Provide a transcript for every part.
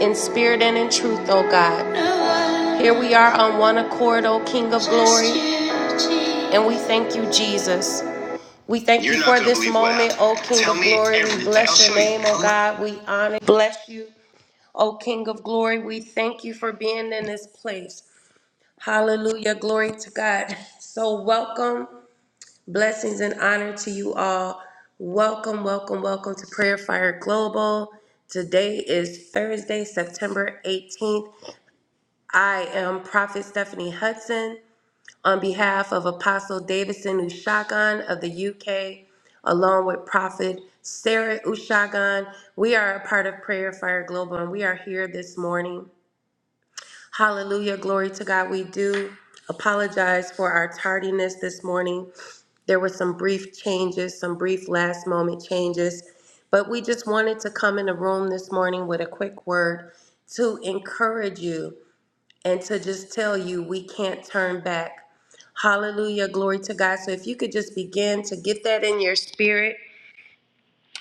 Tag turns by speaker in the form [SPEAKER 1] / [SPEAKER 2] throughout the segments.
[SPEAKER 1] in spirit and in truth, O God. Here we are on one accord, O King of glory, and we thank you, Jesus. We thank You're you are not for this moment, happened. O King Tell of glory. We bless your name, O God. We honor, bless you, O King of glory. We thank you for being in this place. Hallelujah. Glory to God. So, welcome, blessings, and honor to you all. Welcome, welcome, welcome to Prayer Fire Global. Today is Thursday, September 18th. I am Prophet Stephanie Hudson on behalf of Apostle Davidson Ushagan of the UK, along with Prophet Sarah Ushagan. We are a part of Prayer Fire Global and we are here this morning. Hallelujah. Glory to God. We do apologize for our tardiness this morning. There were some brief changes, some brief last moment changes, but we just wanted to come in the room this morning with a quick word to encourage you and to just tell you we can't turn back. Hallelujah, glory to God. So if you could just begin to get that in your spirit,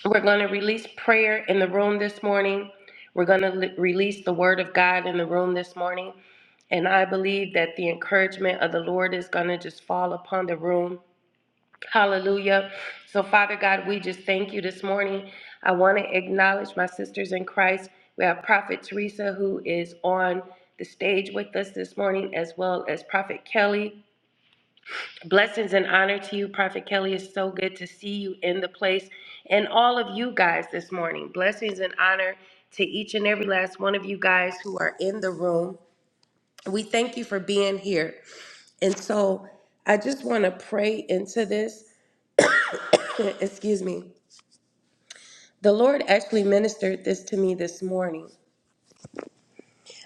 [SPEAKER 1] we're going to release prayer in the room this morning. We're going to li- release the word of God in the room this morning. And I believe that the encouragement of the Lord is going to just fall upon the room. Hallelujah. So, Father God, we just thank you this morning. I want to acknowledge my sisters in Christ. We have Prophet Teresa, who is on the stage with us this morning, as well as Prophet Kelly. Blessings and honor to you, Prophet Kelly. It's so good to see you in the place and all of you guys this morning. Blessings and honor to each and every last one of you guys who are in the room. We thank you for being here. And so, I just want to pray into this. Excuse me. The Lord actually ministered this to me this morning.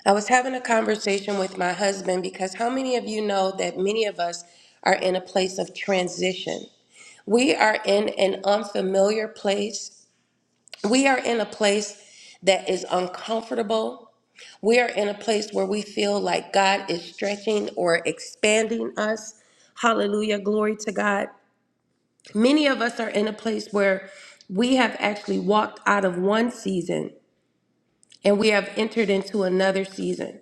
[SPEAKER 1] I was having a conversation with my husband because how many of you know that many of us are in a place of transition? We are in an unfamiliar place. We are in a place that is uncomfortable. We are in a place where we feel like God is stretching or expanding us. Hallelujah. Glory to God. Many of us are in a place where we have actually walked out of one season and we have entered into another season.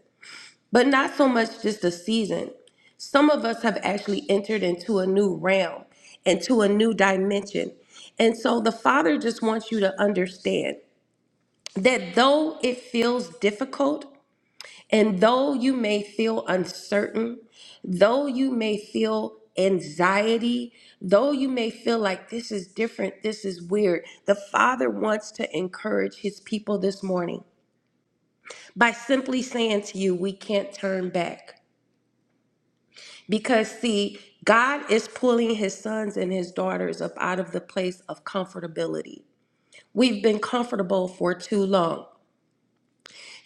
[SPEAKER 1] But not so much just a season. Some of us have actually entered into a new realm, into a new dimension. And so the Father just wants you to understand that though it feels difficult, and though you may feel uncertain, though you may feel anxiety, though you may feel like this is different, this is weird, the Father wants to encourage His people this morning by simply saying to you, we can't turn back. Because, see, God is pulling his sons and his daughters up out of the place of comfortability. We've been comfortable for too long.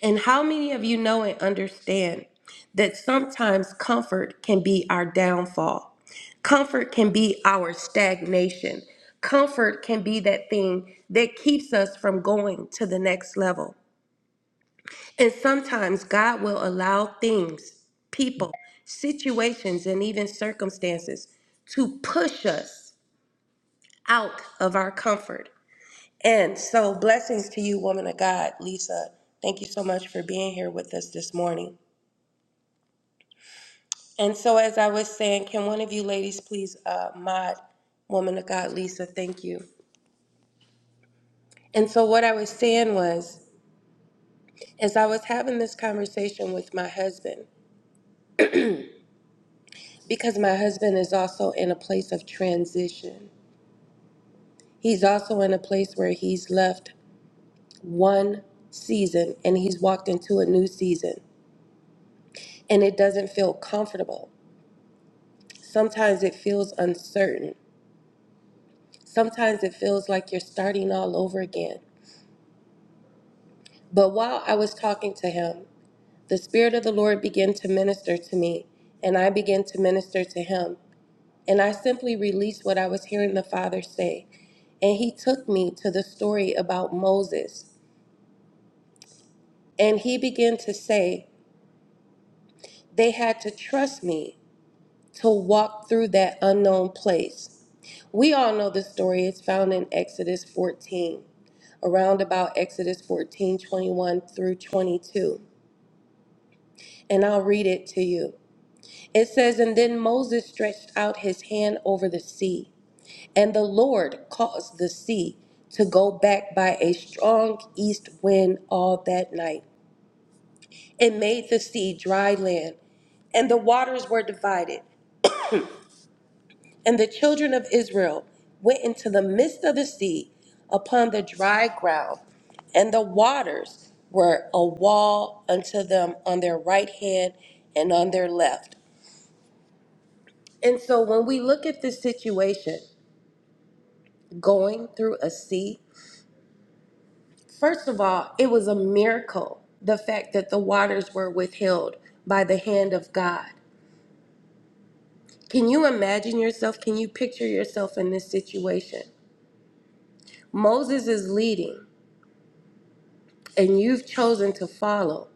[SPEAKER 1] And how many of you know and understand that sometimes comfort can be our downfall? Comfort can be our stagnation. Comfort can be that thing that keeps us from going to the next level. And sometimes God will allow things, people, situations, and even circumstances to push us out of our comfort. And so, blessings to you, woman of God, Lisa. Thank you so much for being here with us this morning. And so, as I was saying, can one of you ladies please uh, mod Woman of God, Lisa? Thank you. And so, what I was saying was, as I was having this conversation with my husband, because my husband is also in a place of transition. He's also in a place where he's left one season and he's walked into a new season and it doesn't feel comfortable. Sometimes it feels uncertain. Sometimes it feels like you're starting all over again. But while I was talking to him, the Spirit of the Lord began to minister to me and I began to minister to him. And I simply released what I was hearing the Father say. And he took me to the story about Moses. And he began to say, They had to trust me to walk through that unknown place. We all know the story. It's found in Exodus 14, around about Exodus 14 21 through 22. And I'll read it to you. It says, And then Moses stretched out his hand over the sea, and the Lord caused the sea to go back by a strong east wind all that night. It made the sea dry land, and the waters were divided. And the children of Israel went into the midst of the sea upon the dry ground, and the waters were a wall unto them on their right hand and on their left. And so when we look at this situation, going through a sea, first of all, it was a miracle the fact that the waters were withheld by the hand of God. Can you imagine yourself? Can you picture yourself in this situation? Moses is leading. and you've chosen to follow.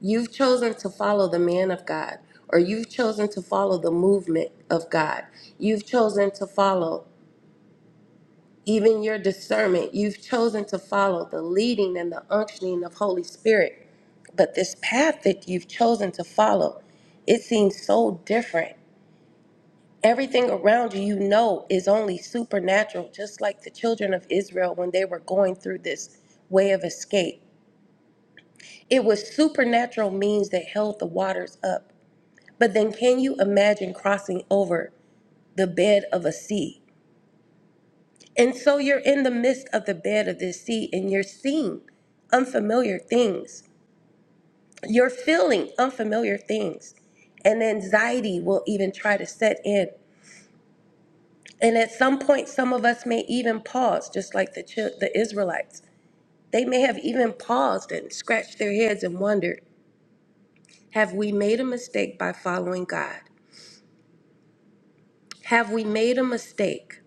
[SPEAKER 1] You've chosen to follow the man of God, or you've chosen to follow the movement of God. You've chosen to follow even your discernment. You've chosen to follow the leading and the unctioning of Holy Spirit. But this path that you've chosen to follow, it seems so different. Everything around you, you know, is only supernatural, just like the children of Israel when they were going through this way of escape It was supernatural means that held the waters up. But then can you imagine crossing over the bed of a sea? And so you're in the midst of the bed of this sea and you're seeing unfamiliar things. You're feeling unfamiliar things. And anxiety will even try to set in. And at some point, some of us may even pause, just like the, chil- the Israelites. They may have even paused and scratched their heads and wondered, have we made a mistake by following God? Have we made a mistake?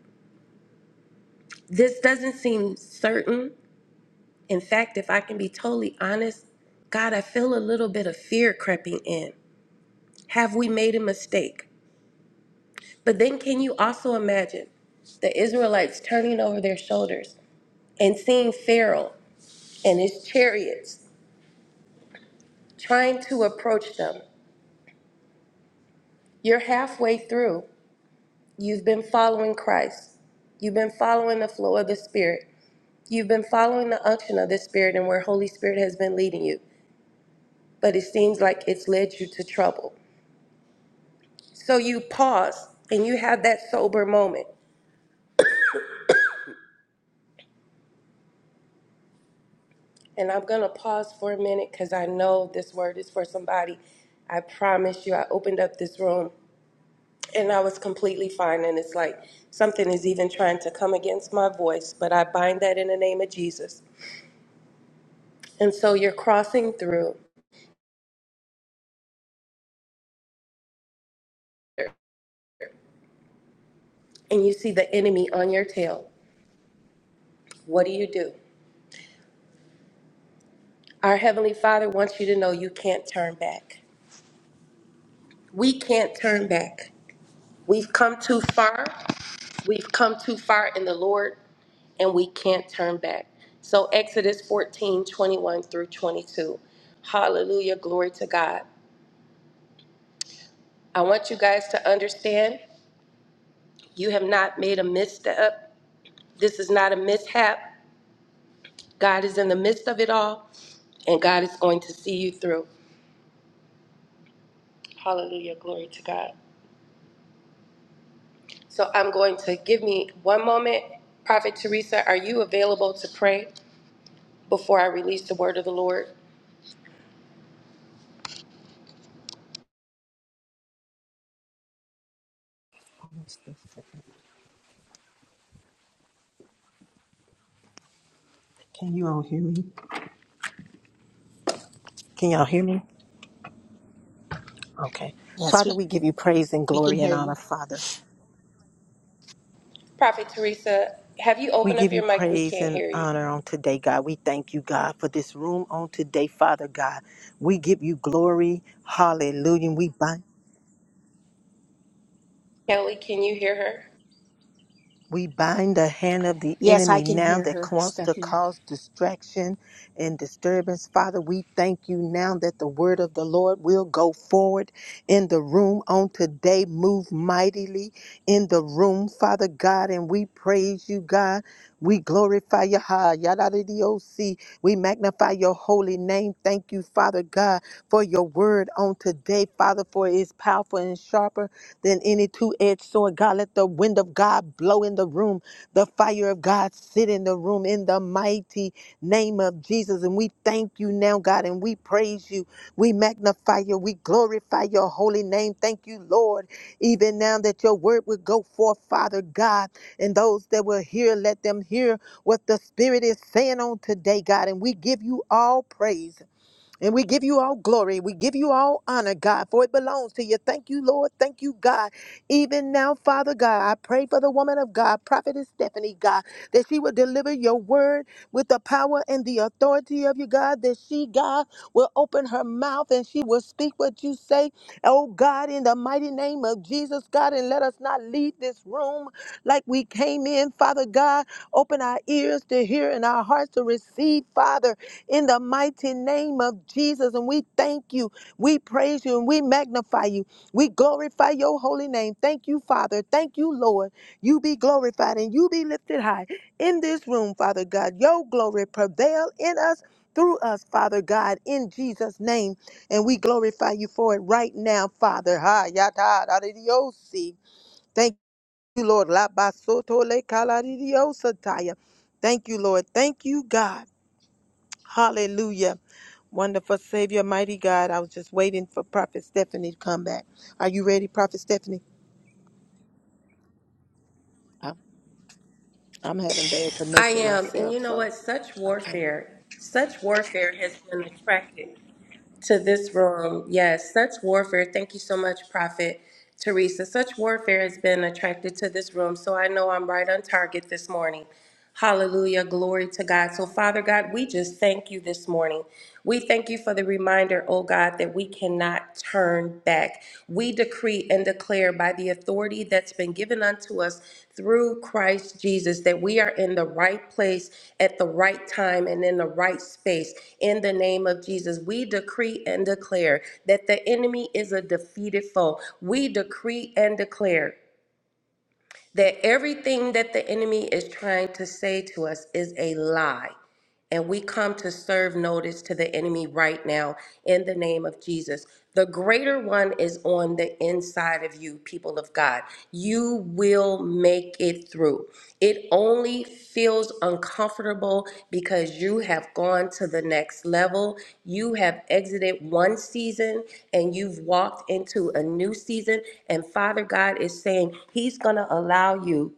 [SPEAKER 1] This doesn't seem certain. In fact, if I can be totally honest, God, I feel a little bit of fear creeping in. Have we made a mistake? But then, can you also imagine the Israelites turning over their shoulders and seeing Pharaoh and his chariots trying to approach them? You're halfway through. You've been following Christ, you've been following the flow of the Spirit, you've been following the unction of the Spirit and where Holy Spirit has been leading you. but it seems like it's led you to trouble. So you pause and you have that sober moment. And I'm going to pause for a minute because I know this word is for somebody. I promise you, I opened up this room and I was completely fine. And it's like something is even trying to come against my voice, but I bind that in the name of Jesus. And so you're crossing through and you see the enemy on your tail. What do you do? Our Heavenly Father wants you to know you can't turn back. We can't turn back. We've come too far. We've come too far in the Lord, and we can't turn back. So Exodus 14 21 through 22. Hallelujah. Glory to God. I want you guys to understand you have not made a misstep. This is not a mishap. God is in the midst of it all, and God is going to see you through. Hallelujah. Glory to God. So I'm going to give me one moment. Prophet Teresa, are you available to pray before I release the word of the Lord?
[SPEAKER 2] Can you all hear me? Can y'all hear me? Okay.
[SPEAKER 3] Yes,
[SPEAKER 2] Father,
[SPEAKER 3] we,
[SPEAKER 2] we give you praise and
[SPEAKER 3] we can
[SPEAKER 2] glory and
[SPEAKER 3] hear
[SPEAKER 2] honor,
[SPEAKER 3] you.
[SPEAKER 2] Father.
[SPEAKER 1] Prophet Teresa, have you
[SPEAKER 2] We
[SPEAKER 1] opened
[SPEAKER 2] give
[SPEAKER 1] up
[SPEAKER 2] you
[SPEAKER 1] your mic? We
[SPEAKER 2] praise
[SPEAKER 1] can't
[SPEAKER 2] and
[SPEAKER 1] hear you.
[SPEAKER 2] honor on today, God. We thank you, God, for this room on today, Father God. We give you glory. Hallelujah. We bind.
[SPEAKER 1] Kelly, can you hear her?
[SPEAKER 2] We bind the hand of the
[SPEAKER 3] Yes, I
[SPEAKER 2] enemy
[SPEAKER 3] can
[SPEAKER 2] now
[SPEAKER 3] hear
[SPEAKER 2] that
[SPEAKER 3] her,
[SPEAKER 2] wants to
[SPEAKER 3] Stephanie.
[SPEAKER 2] cause distraction and disturbance. Father, we thank you now that the word of the Lord will go forward in the room on today. Move mightily in the room, Father God, and we praise you, God. We glorify your high, yadadidiosi. We magnify your holy name. Thank you, Father God, for your word on today, Father, for it is powerful and sharper than any two edged sword. God, let the wind of God blow in the room, the fire of God sit in the room in the mighty name of Jesus. And we thank you now, God, and we praise you. We magnify you. We glorify your holy name. Thank you, Lord, even now that your word would go forth, Father God. And those that will hear, let them hear what the Spirit is saying on today, God. And we give you all praise. And we give you all glory. We give you all honor, God, for it belongs to you. Thank you, Lord. Thank you, God. Even now, Father God, I pray for the woman of God, Prophetess Stephanie, God, that she will deliver your word with the power and the authority of you, God, that she, God, will open her mouth and she will speak what you say. Oh, God, in the mighty name of Jesus, God, and let us not leave this room like we came in, Father God. Open our ears to hear and our hearts to receive, Father in the mighty name of Jesus. And we thank you, we praise you, and we magnify you. We glorify your holy name. Thank you, Father. Thank you, Lord. You be glorified and you be lifted high in this room, Father God. Your glory prevail in us. Through us, Father God, in Jesus' name. And we glorify you for it right now, Father. Ha, yata, da, di, di, oh, see. Thank you, Lord. La, ba, so, to, le, ka, la, di, di, oh, sa, ta, ya. Thank you, Lord. Thank you, God. Hallelujah. Wonderful Savior, mighty God. I was just waiting for Prophet Stephanie to come back. Are you ready, Prophet Stephanie? I'm, I'm having bad
[SPEAKER 1] I
[SPEAKER 2] connection
[SPEAKER 1] am. And
[SPEAKER 2] myself,
[SPEAKER 1] you know
[SPEAKER 2] so
[SPEAKER 1] what? Such
[SPEAKER 2] I can't.
[SPEAKER 1] warfare, such warfare has been attracted to this room. Yes, such warfare. Thank you so much, Prophet Teresa. Such warfare has been attracted to this room. So I know I'm right on target this morning. Hallelujah. Glory to God. So, Father God, we just thank you this morning. We thank you for the reminder, oh God, that we cannot turn back. We decree and declare by the authority that's been given unto us through Christ Jesus that we are in the right place at the right time and in the right space. In the name of Jesus, we decree and declare that the enemy is a defeated foe. We decree and declare that everything that the enemy is trying to say to us is a lie. And we come to serve notice to the enemy right now in the name of Jesus. The greater one is on the inside of you, people of God. You will make it through. It only feels uncomfortable because you have gone to the next level. You have exited one season and you've walked into a new season. And Father God is saying, He's going to allow you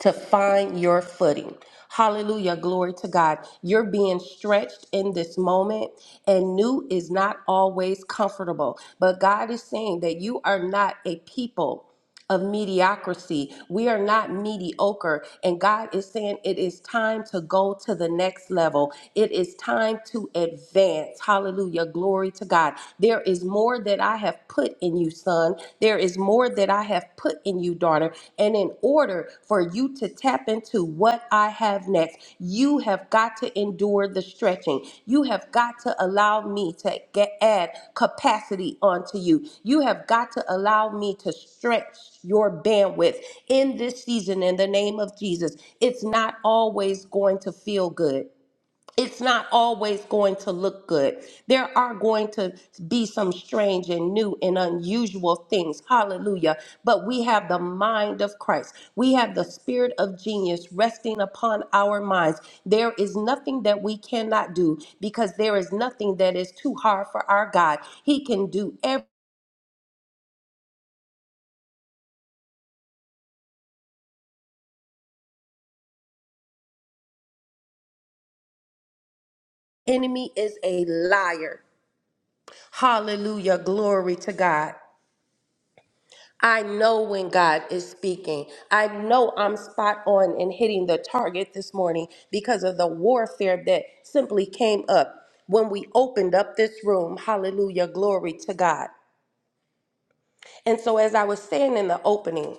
[SPEAKER 1] to find your footing. Hallelujah. Glory to God. You're being stretched in this moment, and new is not always comfortable. But God is saying that you are not a people of mediocrity. We are not mediocre. And God is saying it is time to go to the next level. It is time to advance. Hallelujah. Glory to God. There is more that I. I have put in you, son. There is more that I have put in you, daughter. And in order for you to tap into what I have next, you have got to endure the stretching. You have got to allow me to get add capacity onto you. You have got to allow me to stretch your bandwidth in this season in the name of Jesus. It's not always going to feel good it's not always going to look good. There are going to be some strange and new and unusual things. Hallelujah. But we have the mind of Christ. We have the spirit of genius resting upon our minds. There is nothing that we cannot do because there is nothing that is too hard for our God. He can do every enemy is a liar. Hallelujah. Glory to God. I know when God is speaking. I know I'm spot on and hitting the target this morning because of the warfare that simply came up when we opened up this room. Hallelujah. Glory to God. And so, as I was saying in the opening,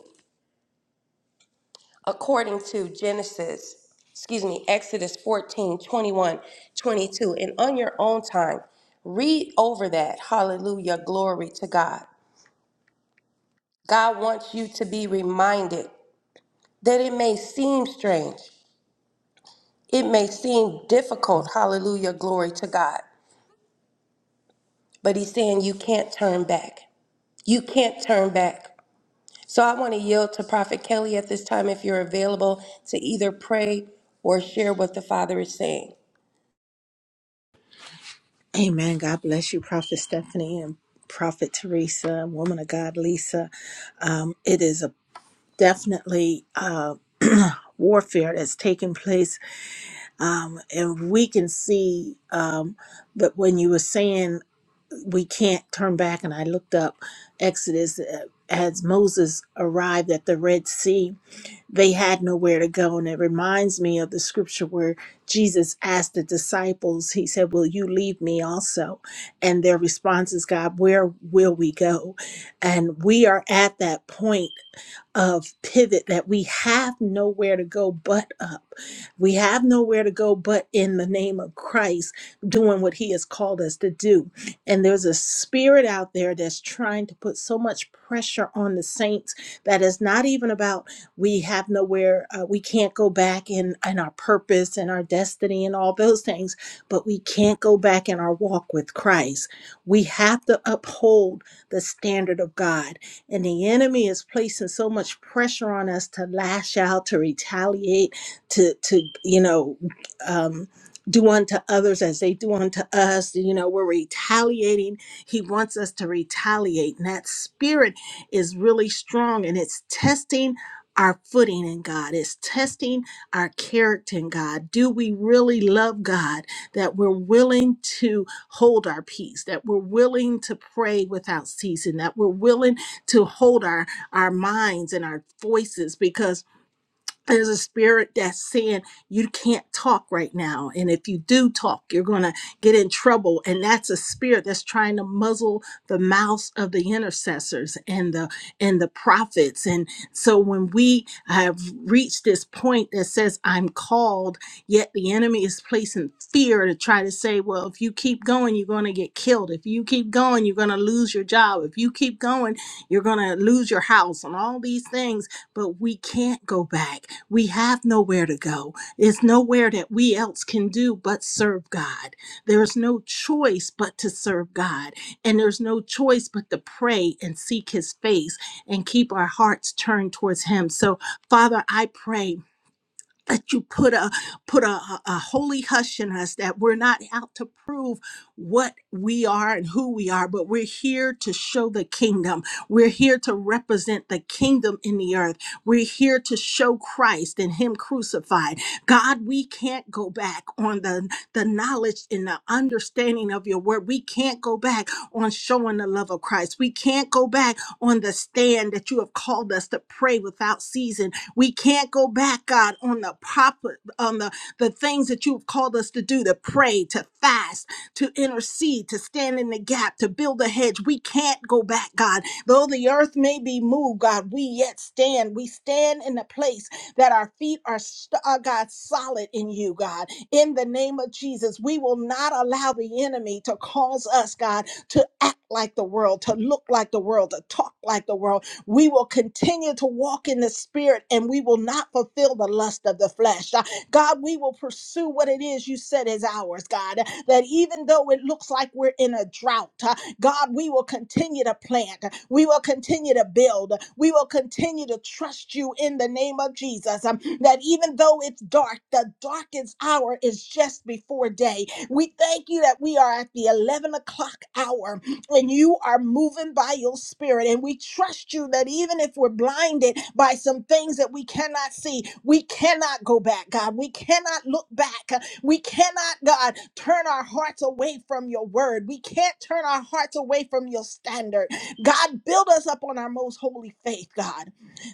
[SPEAKER 1] according to Genesis, excuse me, Exodus 14 twenty-one, 22, and on your own time, read over that. Hallelujah. Glory to God. God wants you to be reminded that it may seem strange. It may seem difficult, hallelujah, glory to God, but he's saying you can't turn back. You can't turn back. So I want to yield to Prophet Kelly at this time if you're available to either pray or share what the Father is saying.
[SPEAKER 3] Amen. God bless you, Prophet Stephanie and Prophet Teresa, woman of God, Lisa. Um, it is a definitely uh, warfare that's taking place, um, and we can see. Um, but when you were saying we can't turn back. And I looked up Exodus uh, as Moses arrived at the Red Sea, they had nowhere to go. And it reminds me of the scripture where Jesus asked the disciples, He said, Will you leave me also? And their response is, God, where will we go? And we are at that point of pivot that we have nowhere to go but up. We have nowhere to go but in the name of Christ, doing what He has called us to do. And there's a spirit out there that's trying to put so much pressure on the saints that is not even about we have nowhere, uh, we can't go back in, in our purpose and our destiny and all those things, but we can't go back in our walk with Christ. We have to uphold the standard of God. And the enemy is placing so much pressure on us to lash out, to retaliate, to, to you know, um, do unto others as they do unto us. You know, we're retaliating. He wants us to retaliate. And that spirit is really strong and it's testing our footing in God, it's testing our character in God. Do we really love God that we're willing to hold our peace, that we're willing to pray without ceasing, that we're willing to hold our, our minds and our voices? Because there's a spirit that's saying you can't talk right now and if you do talk you're going to get in trouble and that's a spirit that's trying to muzzle the mouths of the intercessors and the and the prophets and so when we have reached this point that says i'm called yet the enemy is placing fear to try to say well if you keep going you're going to get killed if you keep going you're going to lose your job if you keep going you're going to lose your house and all these things but we can't go back. We have nowhere to go. It's nowhere that we else can do but serve God. There's no choice but to serve God. And there's no choice but to pray and seek his face and keep our hearts turned towards him. So, Father, I pray that you put a put a, a a holy hush in us that we're not out to prove what we are and who we are but we're here to show the kingdom we're here to represent the kingdom in the earth we're here to show christ and him crucified god we can't go back on the the knowledge and the understanding of your word we can't go back on showing the love of christ we can't go back on the stand that you have called us to pray without season we can't go back, God, on the proper on the the things that you've called us to do, to pray, to fast, to intercede, to stand in the gap, to build a hedge. We can't go back, God. Though the earth may be moved, God, we yet stand. We stand in the place that our feet are, st- uh, God, solid in you, God. In the name of Jesus, we will not allow the enemy to cause us, God, to act like the world, to look like the world, to talk like the world we will continue to walk in the spirit and we will not fulfill the lust of the flesh. Uh, God, we will pursue what it is you said is ours, God, that even though it looks like we're in a drought, uh, God, we will continue to plant. We will continue to build. We will continue to trust you in the name of Jesus. Um, that even though it's dark, the darkest hour is just before day. We thank you that we are at the 11 o'clock hour and you are moving by your spirit. And we trust you that even if we're blinded by some things that we cannot see, we cannot go back, God. We cannot look back. We cannot, God, turn our hearts away from your word. We can't turn our hearts away from your standard. God, build us up on our most holy faith, God,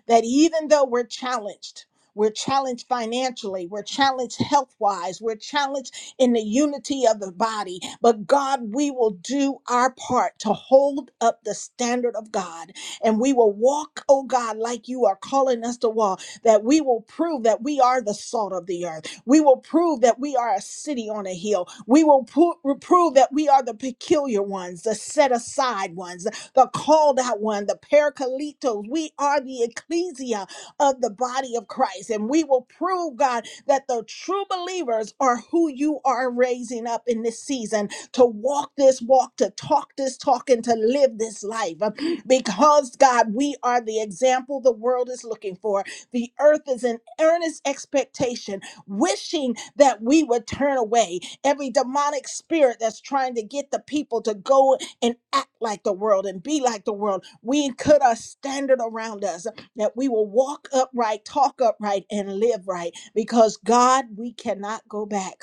[SPEAKER 3] that even though we're challenged, we're challenged financially. We're challenged health wise. We're challenged in the unity of the body. But God, we will do our part to hold up the standard of God and we will walk, oh God, like you are calling us to walk, that we will prove that we are the salt of the earth. We will prove that we are a city on a hill. We will pro- prove that we are the peculiar ones, the set aside ones, the called out one, the parakletos. We are the ecclesia of the body of Christ. And we will prove, God, that the true believers are who you are raising up in this season to walk this walk, to talk this talk, and to live this life. Because, God, we are the example the world is looking for. The earth is in earnest expectation, wishing that we would turn away every demonic spirit that's trying to get the people to go and act like the world and be like the world. We cut a standard around us that we will walk upright, talk upright, and live right because God, we cannot go back.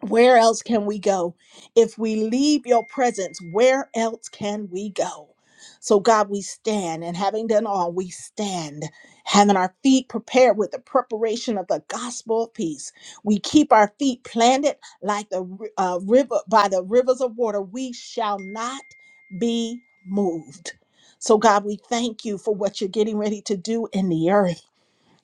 [SPEAKER 3] Where else can we go? If we leave your presence, where else can we go? So, God, we stand, and having done all, we stand, having our feet prepared with the preparation of the gospel of peace. We keep our feet planted like the ri- uh, river by the rivers of water. We shall not be moved. So, God, we thank you for what you're getting ready to do in the earth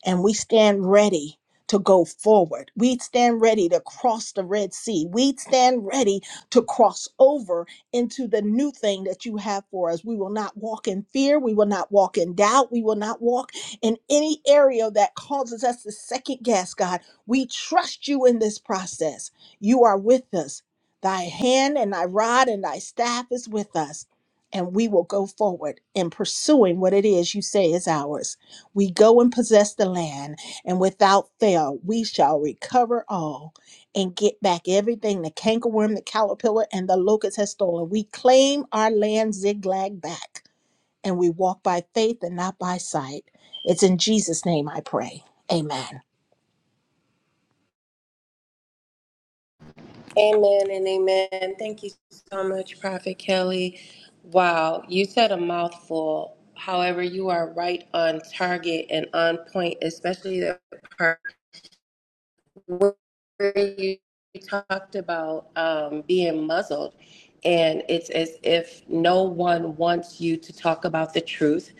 [SPEAKER 3] and we stand ready to go forward. We stand ready to cross the Red Sea. We stand ready to cross over into the new thing that you have for us. We will not walk in fear. We will not walk in doubt. We will not walk in any area that causes us to second guess, God. We trust you in this process. You are with us. Thy hand and thy rod and thy staff is with us. And we will go forward in pursuing what it is you say is ours. We go and possess the land, and without fail, we shall recover all and get back everything the cankerworm, the caterpillar, and the locust has stolen. We claim our land zigzag back, and we walk by faith and not by sight. It's in Jesus' name I pray. Amen.
[SPEAKER 1] Amen and amen. Thank you so much, Prophet Kelly. Wow, you said a mouthful. However, you are right on target and on point, especially the part. where you talked about um, being muzzled, and it's as if no one wants you to talk about the truth.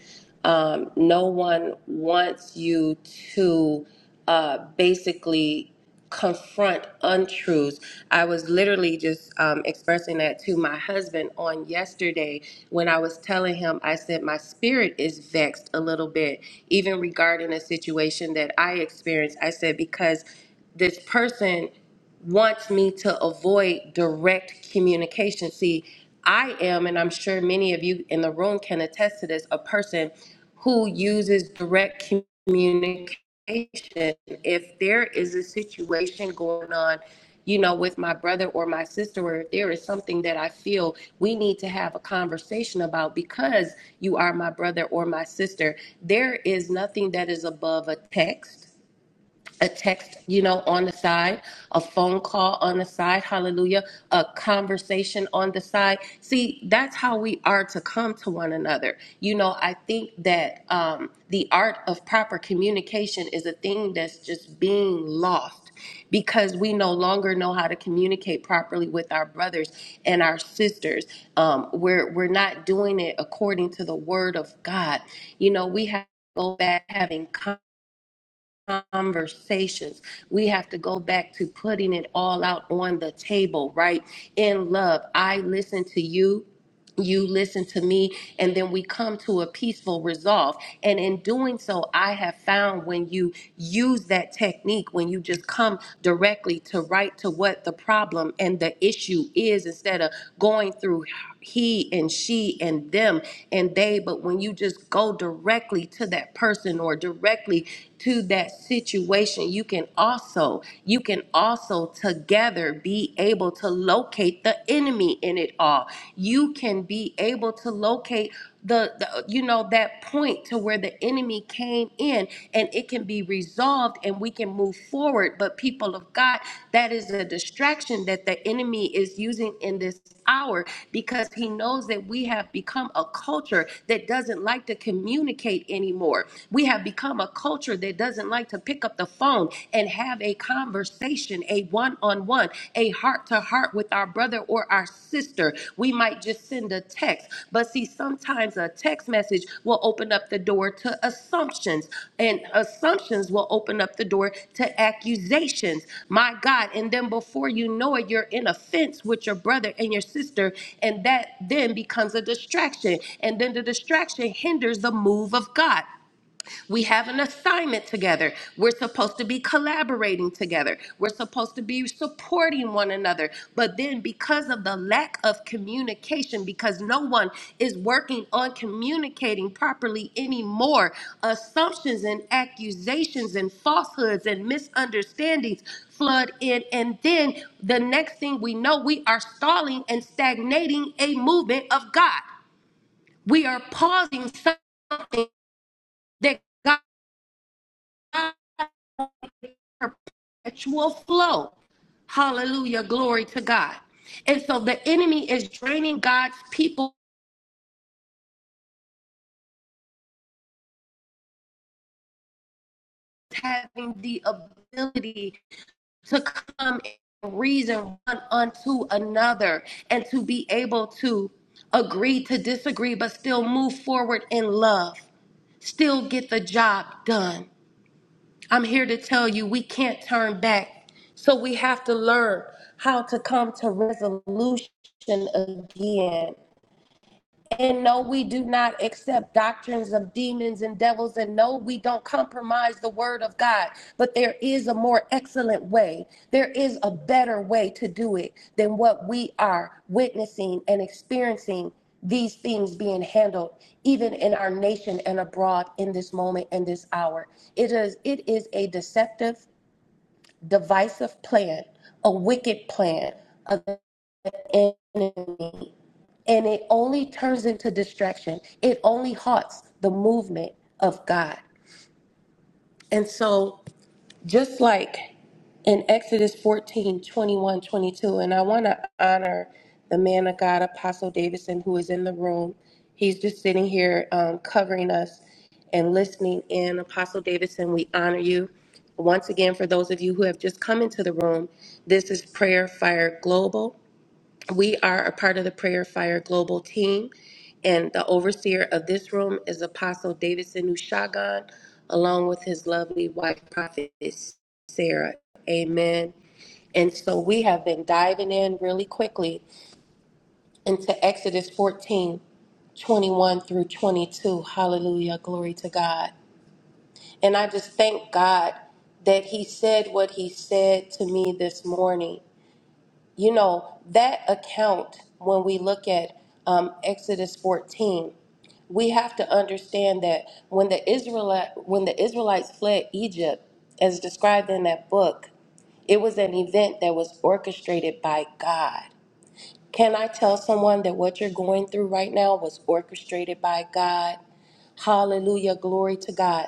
[SPEAKER 1] Um, no one wants you to uh, basically confront untruths. I was literally just um, expressing that to my husband on yesterday when I was telling him, I said, my spirit is vexed a little bit, even regarding a situation that I experienced. I said, because this person wants me to avoid direct communication. See, I am, and I'm sure many of you in the room can attest to this, a person who uses direct communication. If there is a situation going on, you know, with my brother or my sister, or if there is something that I feel we need to have a conversation about because you are my brother or my sister, there is nothing that is above a text a text, you know, on the side, a phone call on the side, hallelujah, a conversation on the side. See, that's how we are to come to one another. You know, I think that um, the art of proper communication is a thing that's just being lost because we no longer know how to communicate properly with our brothers and our sisters. Um, we're, we're not doing it according to the word of God. You know, we have to go back having conversations conversations. We have to go back to putting it all out on the table, right? In love. I listen to you you listen to me and then we come to a peaceful resolve and in doing so i have found when you use that technique when you just come directly to right to what the problem and the issue is instead of going through he and she and them and they but when you just go directly to that person or directly to that situation you can also you can also together be able to locate the enemy in it all. You can be able to locate the, the you know that point to where the enemy came in and it can be resolved and we can move forward but people of god that is a distraction that the enemy is using in this hour because he knows that we have become a culture that doesn't like to communicate anymore we have become a culture that doesn't like to pick up the phone and have a conversation, a one on one, a heart to heart with our brother or our sister. We might just send a text. But see, sometimes a text message will open up the door to assumptions, and assumptions will open up the door to accusations. My God. And then before you know it, you're in a fence with your brother and your sister, and that then becomes a distraction. And then the distraction hinders the move of God. We have an assignment together. We're supposed to be collaborating together. We're supposed to be supporting one another. But then, because of the lack of communication, because no one is working on communicating properly anymore, assumptions and accusations and falsehoods and misunderstandings flood in. And then, the next thing we know, we are stalling and stagnating a movement of God. We are pausing something that God. perpetual flow. Hallelujah. Glory to God. And so the enemy is draining God's people having the ability to come and reason one unto another and to be able to agree to disagree, but still move forward in love, still get the job done. I'm here to tell you we can't turn back. So we have to learn how to come to resolution again. And no, we do not accept doctrines of demons and devils. And no, we don't compromise the word of God. But there is a more excellent way. There is a better way to do it than what we are witnessing and experiencing these things being handled even in our nation and abroad in this moment and this hour it is it is a deceptive divisive plan a wicked plan of the enemy and it only turns into distraction. It only halts the movement of God. And so, just like in Exodus 14 21, 22, and I want to honor the man of God, Apostle Davidson, who is in the room. He's just sitting here um, covering us and listening in. Apostle Davidson, we honor you. Once again, for those of you who have just come into the room, this is Prayer Fire Global. We are a part of the Prayer Fire Global team, and the overseer of this room is Apostle Davidson Ushagan, along with his lovely wife, Prophet Sarah. Amen. And so we have been diving in really quickly into Exodus 14 21 through 22. Hallelujah. Glory to God. And I just thank God that He said what He said to me this morning you know, that account, when we look at um, Exodus 14, we have to understand that when the Israelite when the Israelites fled Egypt, as described in that book, it was an event that was orchestrated by God. Can I tell someone that what you're going through right now was orchestrated by God? Hallelujah, glory to God.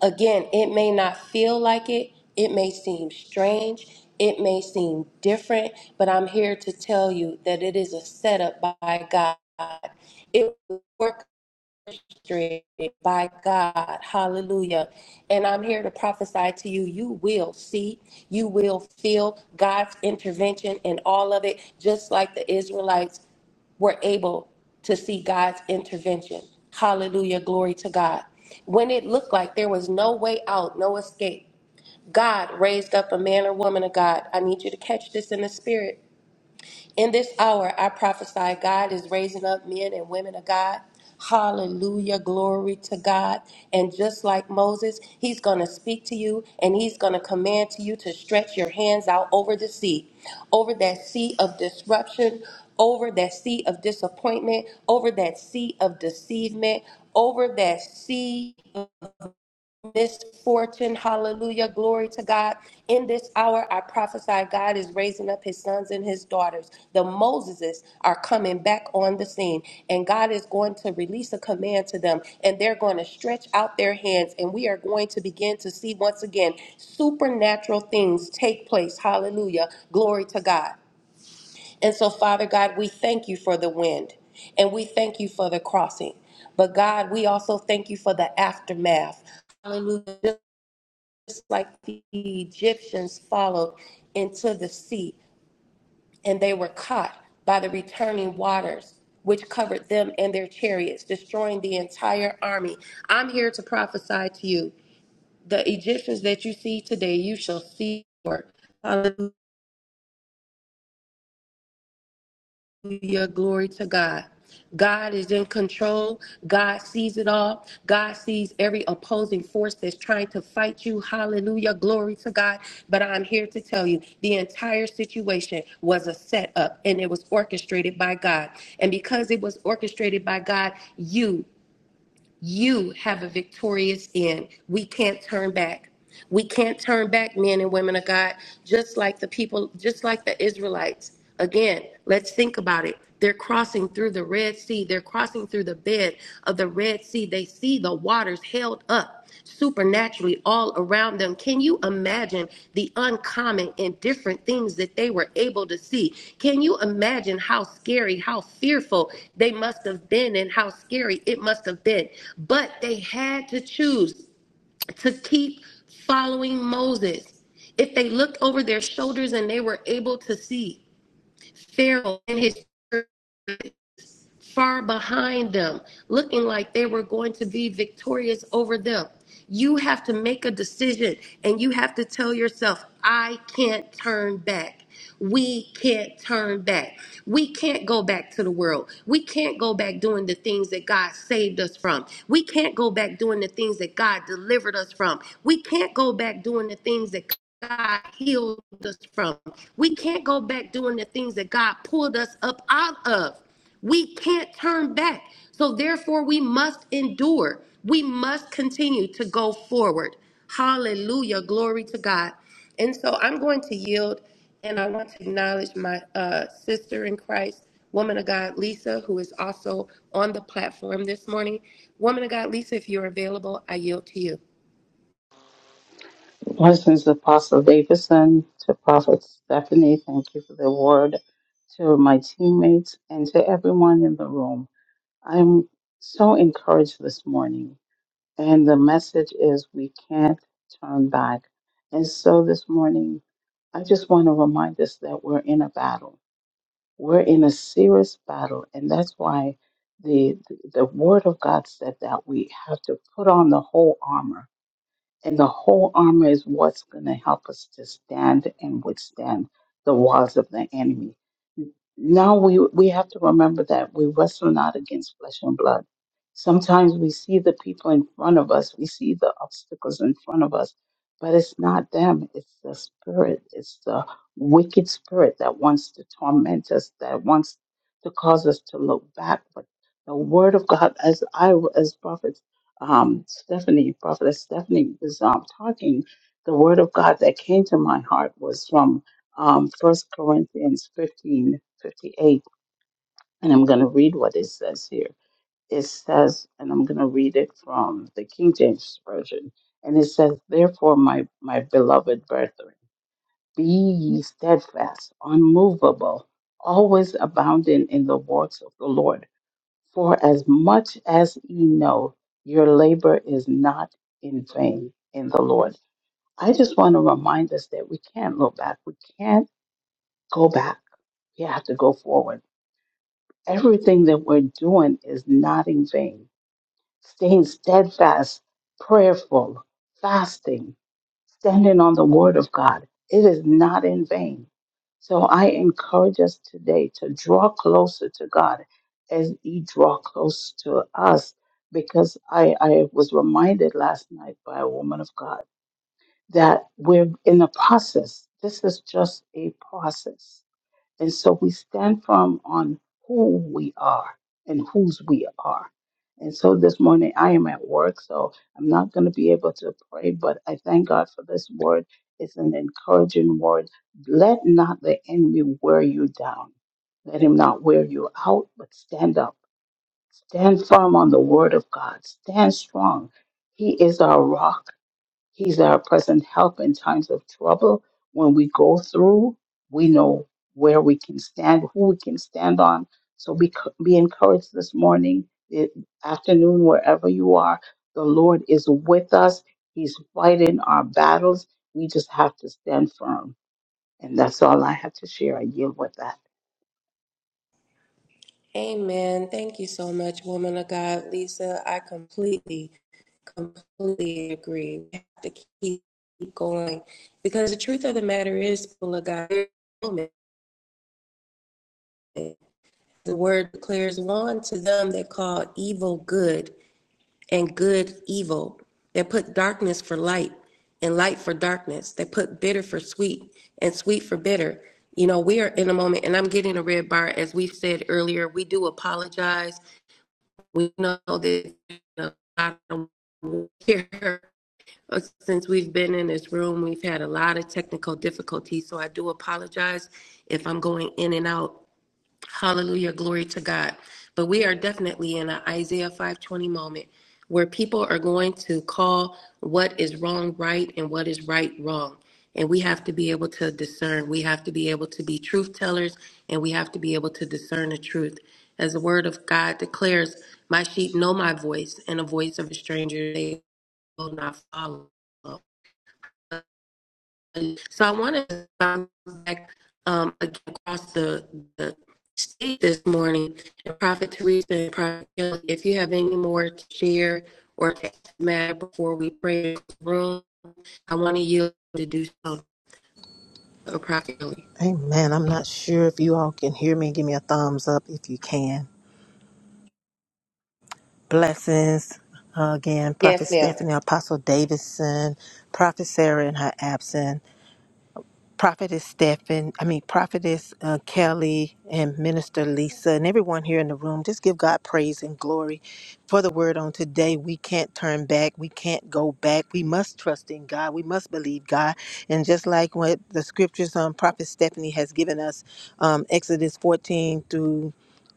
[SPEAKER 1] Again, it may not feel like it, it may seem strange, it may seem different, but I'm here to tell you that it is a setup by God. It will work by God. Hallelujah. And I'm here to prophesy to you you will see, you will feel God's intervention in all of it, just like the Israelites were able to see God's intervention. Hallelujah. Glory to God. When it looked like there was no way out, no escape, God raised up a man or woman of God. I need you to catch this in the spirit. In this hour, I prophesy God is raising up men and women of God. Hallelujah, glory to God. And just like Moses, he's going to speak to you and he's going to command to you to stretch your hands out over the sea, over that sea of disruption, over that sea of disappointment, over that sea of deceivement, over that sea misfortune. Hallelujah. Glory to God. In this hour, I prophesy God is raising up his sons and his daughters. The Moseses are coming back on the scene, and God is going to release a command to them, and they're going to stretch out their hands, and we are going to begin to see once again supernatural things take place. Hallelujah. Glory to God. And so, Father God, we thank you for the wind and we thank you for the crossing. But God, we also thank you for the aftermath. Hallelujah just like the Egyptians followed into the sea, and they were caught by the returning waters, which covered them and their chariots, destroying the entire army. I'm here to prophesy to you the Egyptians that you see today, you shall see. more. Hallelujah. Glory to God. God is in control. God sees it all. God sees every opposing force that's trying to fight you. Hallelujah. Glory to God. But I'm here to tell you the entire situation was a setup and it was orchestrated by God. And because it was orchestrated by God, you you have a victorious end. We can't turn back. We can't turn back, men and women of God, just like the people, just like the Israelites. Again, let's think about it. They're crossing through the Red Sea. They're crossing through the bed of the Red Sea. They see the waters held up supernaturally all around them. Can you imagine the uncommon and different things that they were able to see? Can you imagine how scary, how fearful they must have been, and how scary it must have been? But they had to choose to keep following Moses. If they looked over their shoulders and they were able to see Pharaoh and his far behind them, looking like they were going to be victorious over them. You have to make a decision and you have to tell yourself, I can't turn back. We can't turn back. We can't go back to the world. We can't go back doing the things that God saved us from. We can't go back doing the things that God delivered us from. We can't go back doing the things that God healed us from. We can't go back doing the things that God pulled us up out of. We can't turn back. So therefore, we must endure. We must continue to go forward. Hallelujah. Glory to God. And so I'm going to yield and I want to acknowledge my uh, sister in Christ, woman of God, Lisa, who is also on the platform this morning. Woman of God, Lisa, if you're available, I yield to you.
[SPEAKER 4] Blessings, Apostle Davidson, to Prophet Stephanie. Thank you for the word. To my teammates and to everyone in the room. I'm so encouraged this morning. And the message is we can't turn back. And so this morning, I just want to remind us that we're in a battle. We're in a serious battle. And that's why the, the the word of God said that we have to put on the whole armor and the whole armor is what's going to help us to stand and withstand the wiles of the enemy. Now we, we have to remember that we wrestle not against flesh and blood. Sometimes we see the people in front of us, we see the obstacles in front of us, but it's not them, it's the spirit, it's the wicked spirit that wants to torment us, that wants to cause us to look back. But the word of God, as I as Prophet um, Stephanie, Prophet Stephanie was um, talking, the word of God that came to my heart was from um, 1 Corinthians 15 58, And I'm going to read what it says here. It says, and I'm going to read it from the King James Version. And it says, Therefore, my, my beloved brethren, be ye steadfast, unmovable, always abounding in the works of the Lord for as much as ye know, your labor is not in vain in the Lord. I just want to remind us that we can't look back. We can't go back. We have to go forward. Everything that we're doing is not in vain staying steadfast, prayerful, fasting, standing on the word of God. It is not in vain. So I encourage us today to draw closer to God as He draw close to us, because I, I was reminded last night by a woman of God that we're in the process. This is just a process and so we stand firm on who we are and whose we are. And so this morning I am at work, so I'm not going to be able to pray, but I thank God for this word. It's an encouraging word. Let not the enemy wear you down. Let him not wear you out, but stand up. Stand firm on the word of God. Stand strong. He is our rock. He's our present help in times of trouble. When we go through, we know where we can stand, who we can stand on. So be, be encouraged this morning, i- afternoon, wherever you are. The Lord is with us. He's fighting our battles. We just have to stand firm. And that's all I have to share. I yield with that.
[SPEAKER 1] Amen. Thank you so much, woman of God, Lisa. I completely completely agree. We have to keep going because the truth of the matter is, people of God, the word declares one to them that call evil good and good evil, that put darkness for light and light for darkness, that put bitter for sweet and sweet for bitter. You know, we are in a moment, and I'm getting a red bar. As we said earlier, we do apologize. We know that you know, I don't care Uh, Since we've been in this room, we've had a lot of technical difficulties, so I do apologize if I'm going in and out. Hallelujah, glory to God. But we are definitely in an Isaiah 520 moment where people are going to call what is wrong right and what is right wrong. And we have to be able to discern. We have to be able to be truth tellers and we have to be able to discern the truth. As the word of God declares, my sheep know my voice and the voice of a stranger they will not follow. So I wanted to come back um, across the, the state this morning. Prophet Teresa and Prophet Kelly, if you have any more to share or to matter before we pray in the room, I want to yield to do so to Prophet
[SPEAKER 2] Amen. I'm not sure if you all can hear me. Give me a thumbs up if you can. Blessings again, Prophet
[SPEAKER 1] Yes, ma'am.
[SPEAKER 2] Stephanie, Apostle Davidson, Prophet Sarah in her absence. Prophetess Stephen, I mean, Prophetess uh, Kelly and Minister Lisa and everyone here in the room, just give God praise and glory for the word on today. We can't turn back. We can't go back. We must trust in God. We must believe God. And just like what the scriptures um, Prophet Stephanie has given us, um, Exodus 14 through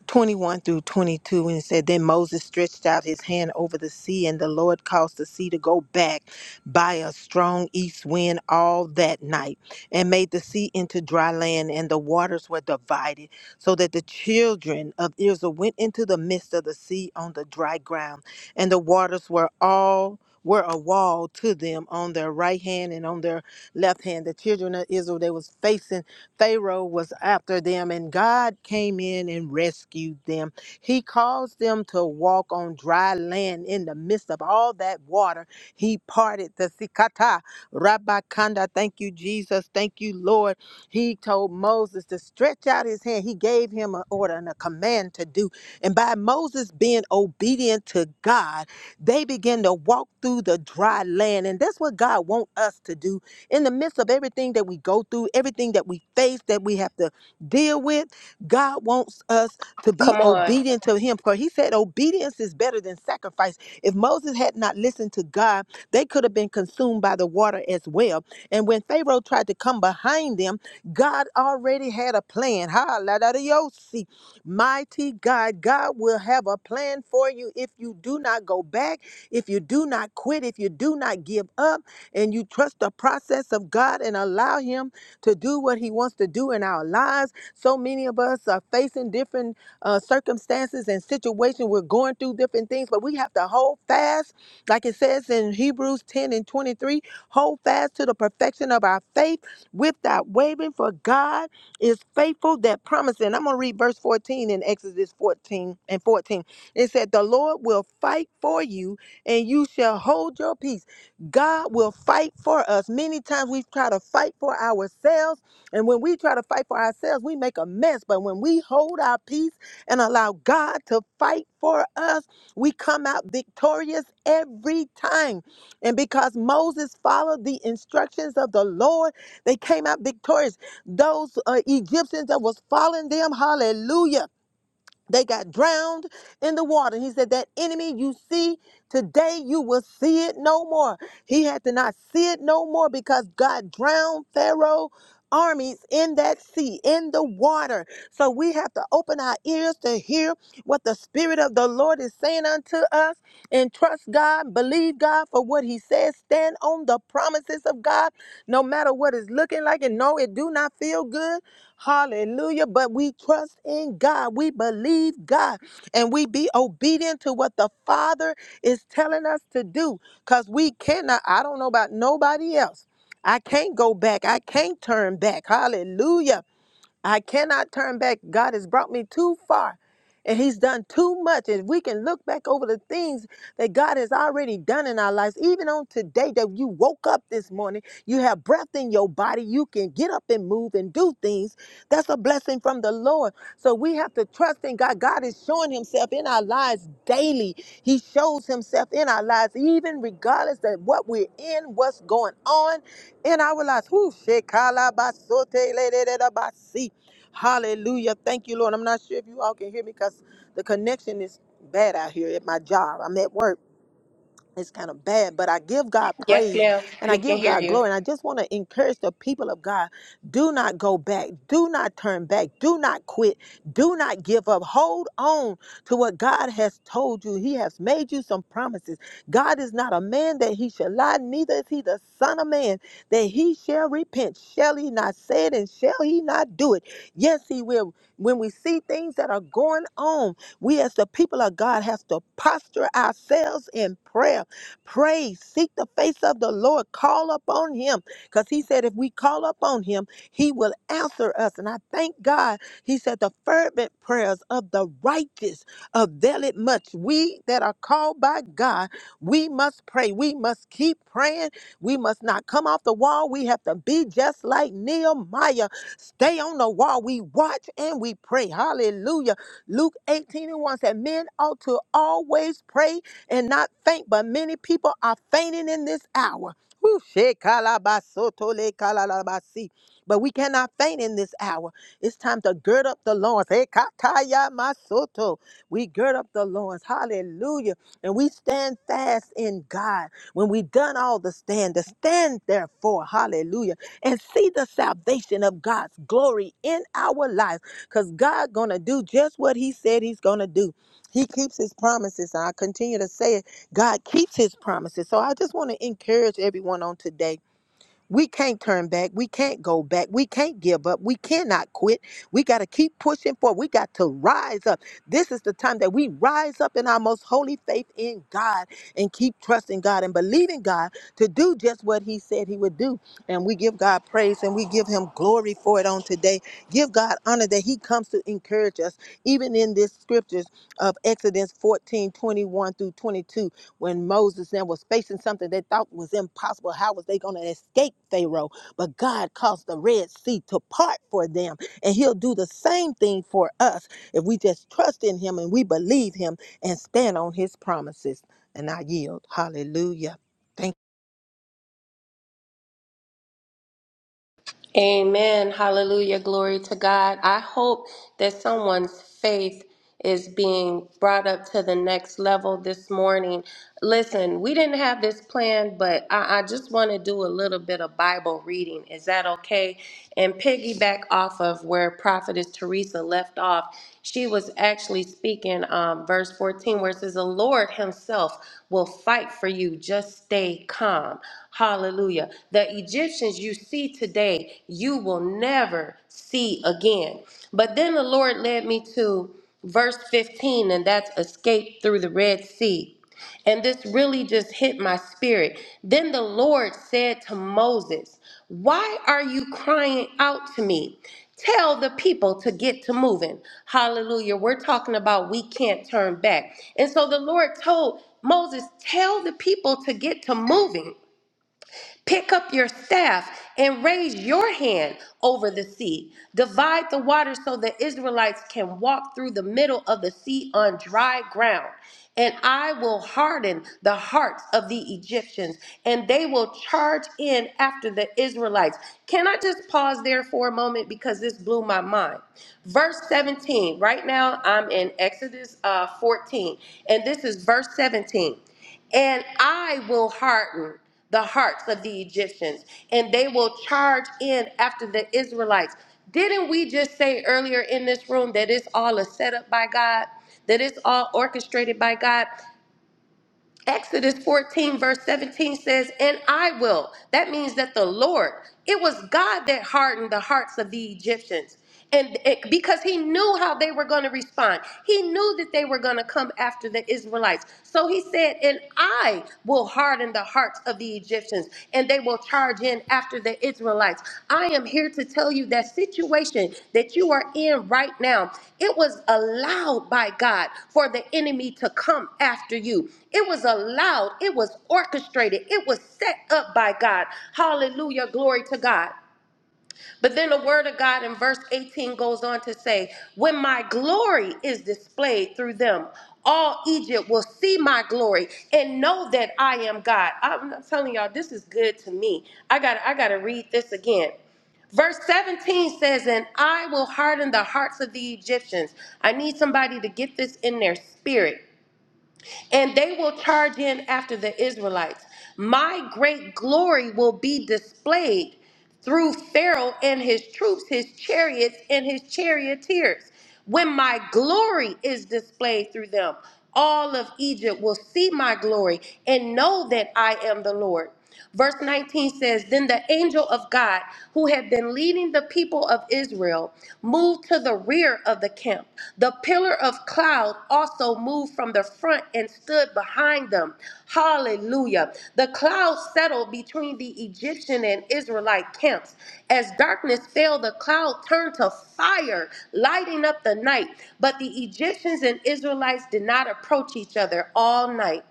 [SPEAKER 2] 21 through 22 and it said then moses stretched out his hand over the sea and the lord caused the sea to go back by a strong east wind all that night and made the sea into dry land and the waters were divided so that the children of israel went into the midst of the sea on the dry ground and the waters were all were a wall to them on their right hand and on their left hand the children of israel they was facing Pharaoh was after them, and God came in and rescued them. He caused them to walk on dry land in the midst of all that water. He parted the Sikata, Rabakanda. Thank you, Jesus. Thank you, Lord. He told Moses to stretch out his hand. He gave him an order and a command to do. And by Moses being obedient to God, they begin to walk through the dry land. And that's what God wants us to do in the midst of everything that we go through, everything that we face, that we have to deal with, God wants us to be
[SPEAKER 1] Come on.
[SPEAKER 2] obedient to Him. For He said, obedience is better than sacrifice. If Moses had not listened to God, they could have been consumed by the water as well. And when Pharaoh tried to come behind them, God already had a plan. Ha, la, da, da, yo, see. Mighty God, God will have a plan for you if you do not go back, if you do not quit, if you do not give up and you trust the process of God and allow Him to do what He wants to do in our lives. So many of us are facing different uh, circumstances and situations. We're going through different things, but we have to hold fast, like it says in Hebrews 10 and 23 hold fast to the perfection of our faith without wavering, for God is faithful that promise. And I'm going to read verse 14 in Exodus 14 and 14. It said, The Lord will fight for you, and you shall hold your peace. God will fight for us. Many times we try to fight for ourselves, and when we try to fight for ourselves, we make a mess. But when we hold our peace and allow God to fight for us, we come out victorious every time. And because Moses followed the instructions of the Lord, they came out victorious. Those uh, Egyptians that was following them, hallelujah. They got drowned in the water. He said, That enemy you see today, you will see it no more. He had to not see it no more because God drowned Pharaoh. Armies in that sea, in the water. So we have to open our ears to hear what the Spirit of the Lord is saying unto us and trust God, believe God for what He says, stand on the promises of God, no matter what it's looking like. And no, it do not feel good Hallelujah. But we trust in God. We believe God and we be obedient to what the Father is telling us to do because we cannot, I don't know about nobody else. I can't go back. I can't turn back. Hallelujah. I cannot turn back. God has brought me too far. And he's done too much. And we can look back over the things that God has already done in our lives. Even on today that you woke up this morning, you have breath in your body. You can get up and move and do things. That's a blessing from the Lord. So we have to trust in God. God is showing himself in our lives daily. He shows himself in our lives, even regardless of what we're in, what's going on in our lives. Whew, shekalabasoteleledabasi. Hallelujah. Thank you, Lord. I'm not sure if you all can hear me because the connection is bad out here at my job. I'm at work it's kind of bad, but I give God
[SPEAKER 1] Yes,
[SPEAKER 2] praise
[SPEAKER 1] ma'am.
[SPEAKER 2] and I
[SPEAKER 1] We can
[SPEAKER 2] give
[SPEAKER 1] hear
[SPEAKER 2] God
[SPEAKER 1] you.
[SPEAKER 2] glory. And I just want to encourage the people of God do not go back, do not turn back, do not quit, do not give up. Hold on to what God has told you. He has made you some promises. God is not a man that he shall lie, neither is he the Son of Man that he shall repent. Shall he not say it and shall he not do it? Yes, he will. When we see things that are going on, we as the people of God have to posture ourselves in prayer Pray, seek the face of the Lord, call upon him. Because he said, if we call upon him, he will answer us. And I thank God. He said, the fervent prayers of the righteous avail it much. We that are called by God, we must pray. We must keep praying. We must not come off the wall. We have to be just like Nehemiah. Stay on the wall. We watch and we pray. Hallelujah. Luke 18 and 1 said, Men ought to always pray and not faint. But many people are fainting in this hour. Whew, shekalabasotole kalalabasi. But we cannot faint in this hour. It's time to gird up the loins. Hekataya masoto. We gird up the loins. Hallelujah. And we stand fast in God. When we done all the stand, to stand therefore, hallelujah, and see the salvation of God's glory in our lives. Because God gonna do just what He said He's gonna do. He keeps his promises. And I continue to say it. God keeps his promises. So I just want to encourage everyone on today we can't turn back. We can't go back. We can't give up. We cannot quit. We got to keep pushing forward. We got to rise up. This is the time that we rise up in our most holy faith in God and keep trusting God and believing God to do just what He said He would do. And we give God praise and we give Him glory for it on today. Give God honor that He comes to encourage us, even in this scriptures of Exodus 14:21 through 22 when Moses then was facing something they thought was impossible. How was they going to escape Pharaoh? But God caused the Red Sea to part for them, and He'll do the same thing for us if we just trust in Him and we believe Him and stand on His promises. And I yield. Hallelujah. Thank.
[SPEAKER 1] Amen. Hallelujah. Glory to God. I hope that someone's faith is being brought up to the next level this morning. Listen, we didn't have this plan, but I, I just want to do a little bit of Bible reading. Is that okay? And piggyback off of where Prophetess Teresa left off. She was actually speaking um, verse 14 where it says, The Lord Himself will fight for you. Just stay calm. Hallelujah. The Egyptians you see today, you will never see again. But then the Lord led me to verse 15, and that's escape through the Red Sea. And this really just hit my spirit. Then the Lord said to Moses, Why are you crying out to me? Tell the people to get to moving. Hallelujah. We're talking about we can't turn back. And so the Lord told Moses, Tell the people to get to moving. Pick up your staff and raise your hand over the sea. Divide the water so the Israelites can walk through the middle of the sea on dry ground. And I will harden the hearts of the Egyptians, and they will charge in after the Israelites. Can I just pause there for a moment because this blew my mind? Verse 17, right now I'm in Exodus uh, 14, and this is verse 17. And I will harden the hearts of the Egyptians, and they will charge in after the Israelites. Didn't we just say earlier in this room that it's all a setup by God? That it's all orchestrated by God? Exodus 14, verse 17 says, And I will. That means that the Lord, it was God that hardened the hearts of the Egyptians. And it, because he knew how they were going to respond, he knew that they were going to come after the Israelites. So he said, And I will harden the hearts of the Egyptians nations, and they will charge in after the Israelites. I am here to tell you that situation that you are in right now, it was allowed by God for the enemy to come after you. It was allowed, it was orchestrated, it was set up by God. Hallelujah, glory to God. But then the word of God in verse 18 goes on to say, When my glory is displayed through them, all Egypt will see my glory and know that I am God. I'm I'm telling y'all, this is good to me. I got I gotta read this again. Verse 17 says, And I will harden the hearts of the Egyptians. I need somebody to get this in their spirit and they will charge in after the Israelites. My great glory will be displayed through Pharaoh and his troops, his chariots, and his charioteers. When my glory is displayed through them, all of Egypt will see my glory and know that I am the Lord. Verse 19 says, Then the angel of God, who had been leading the people of Israel, moved to the rear of the camp. The pillar of cloud also moved from the front and stood behind them. Hallelujah. The cloud settled between the Egyptian and Israelite camps. As darkness fell, the cloud turned to fire, lighting up the night. But the Egyptians and Israelites did not approach each other all night.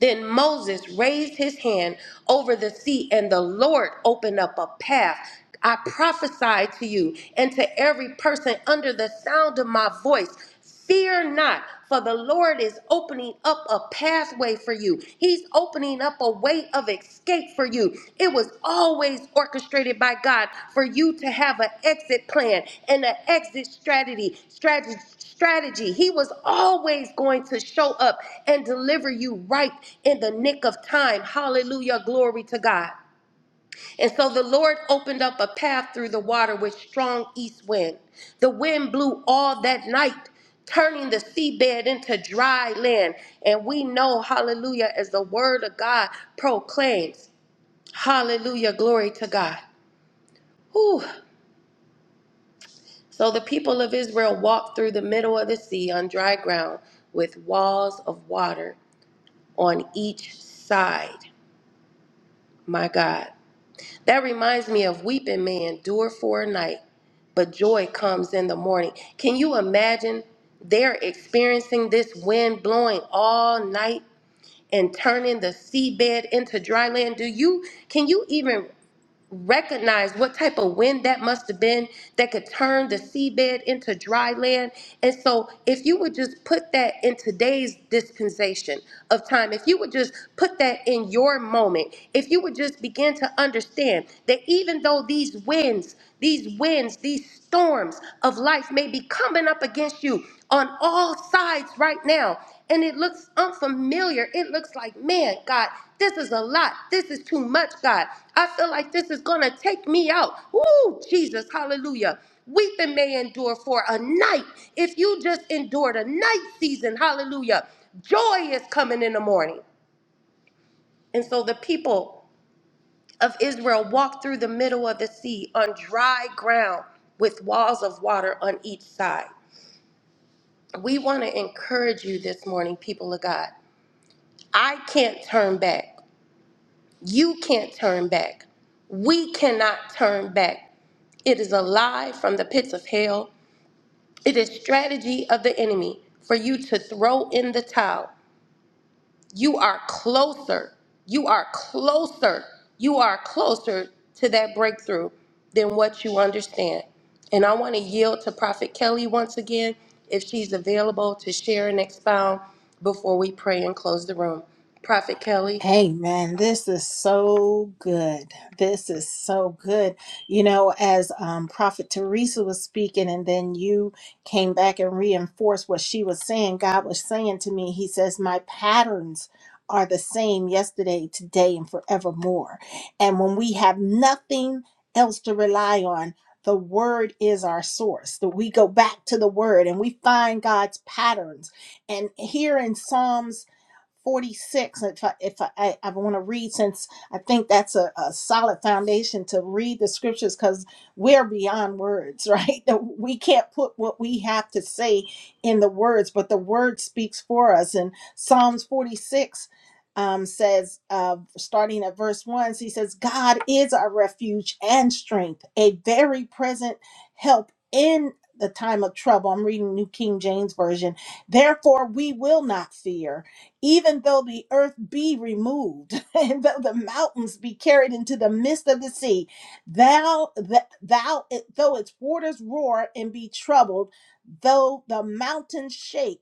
[SPEAKER 1] Then Moses raised his hand over the sea, and the Lord opened up a path. I prophesy to you and to every person under the sound of my voice. Fear not, for the Lord is opening up a pathway for you. He's opening up a way of escape for you. It was always orchestrated by God for you to have an exit plan and an exit strategy, strategy strategy. He was always going to show up and deliver you right in the nick of time. Hallelujah. Glory to God. And so the Lord opened up a path through the water with strong east wind. The wind blew all that night, turning the seabed into dry land. And we know, hallelujah, as the word of God proclaims. Hallelujah. Glory to God. Whew. So the people of Israel walked through the middle of the sea on dry ground with walls of water on each side. My God. That reminds me of weeping may endure for a night, but joy comes in the morning. Can you imagine? They're experiencing this wind blowing all night and turning the seabed into dry land. Do you can you even recognize what type of wind that must have been that could turn the seabed into dry land. And so, if you would just put that in today's dispensation of time, if you would just put that in your moment, if you would just begin to understand that even though these winds, these winds, these storms of life may be coming up against you, on all sides right now. And it looks unfamiliar. It looks like, man, God, this is a lot. This is too much, God. I feel like this is going to take me out. Woo, Jesus, hallelujah. Weeping may endure for a night. If you just endured a night season, hallelujah, joy is coming in the morning. And so the people of Israel walked through the middle of the sea on dry ground with walls of water on each side. we want to encourage you this morning, people of God. I can't turn back. You can't turn back. We cannot turn back. It is a lie from the pits of hell. It is strategy of the enemy for you to throw in the towel. you are closer. You are closer. You are closer to that breakthrough than what you understand. And I want to yield to Prophet Kelly once again if she's available to share and expound before we pray and close the room. Prophet Kelly,
[SPEAKER 3] Hey man, This is so good. This is so good. You know, as um, Prophet Teresa was speaking, and then you came back and reinforced what she was saying, God was saying to me, He says, My patterns are the same yesterday, today, and forevermore. And when we have nothing else to rely on, the word is our source. That we go back to the word and we find God's patterns. And here in Psalms 46 if i if i i, want to read since i think that's a, a solid foundation to read the scriptures because we're beyond words right That we can't put what we have to say in the words but the word speaks for us and psalms 46 um, says uh, starting at verse 1 he says god is our refuge and strength a very present help in the time of trouble i'm reading new king james version therefore we will not fear even though the earth be removed, and though the mountains be carried into the midst of the sea, thou th- thou it, though its waters roar and be troubled, though the mountains shake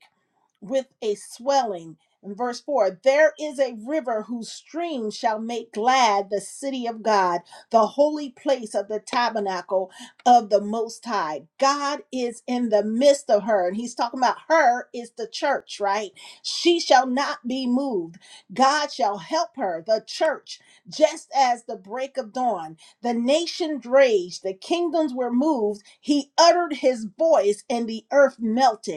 [SPEAKER 3] with a swelling. In verse 4, there is a river whose stream shall make glad the city of God, the holy place of the tabernacle of the Most High. God is in the midst of her. And he's talking about her is the church, right? She shall not be moved. God shall help her, the church, just as the break of dawn. The nation raged, the kingdoms were moved. He uttered his voice, and the earth melted.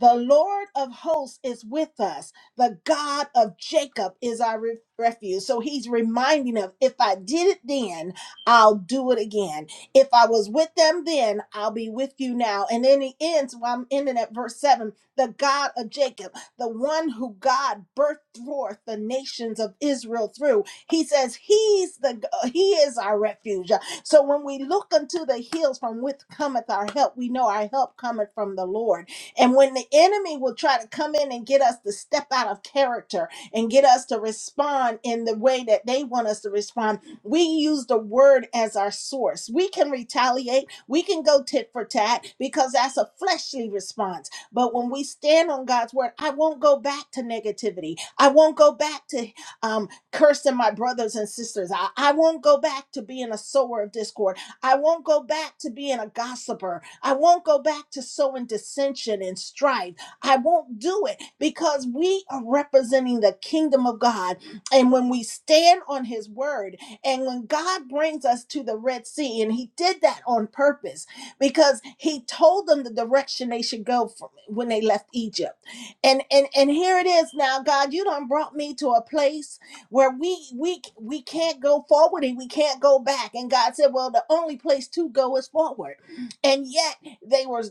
[SPEAKER 3] The Lord of hosts is with us. The God of Jacob is our re- refuge. So he's reminding them if I did it then, I'll do it again. If I was with them then, I'll be with you now. And then he ends, well, I'm ending at verse 7 the God of Jacob, the one who God birthed forth the nations of Israel through. He says, He's the He is our refuge. So when we look unto the hills from which cometh our help, we know our help cometh from the Lord. And when the enemy will try to come in and get us to step out of character and get us to respond in the way that they want us to respond, we use the word as our source. We can retaliate, we can go tit for tat because that's a fleshly response. But when we stand on God's word, I won't go back to negativity. I won't go back to um, cursing my brothers and sisters. I, I won't go back to being a sower of discord. I won't go back to being a gossiper. I won't go back to sowing dissension and strife. I won't do it because we are representing the kingdom of God. And when we stand on his word, and when God brings us to the Red Sea, and he did that on purpose because he told them the direction they should go from when they left Egypt. And and and here it is now, God, you done brought me to a place where we we we can't go forward and we can't go back and god said well the only place to go is forward and yet they were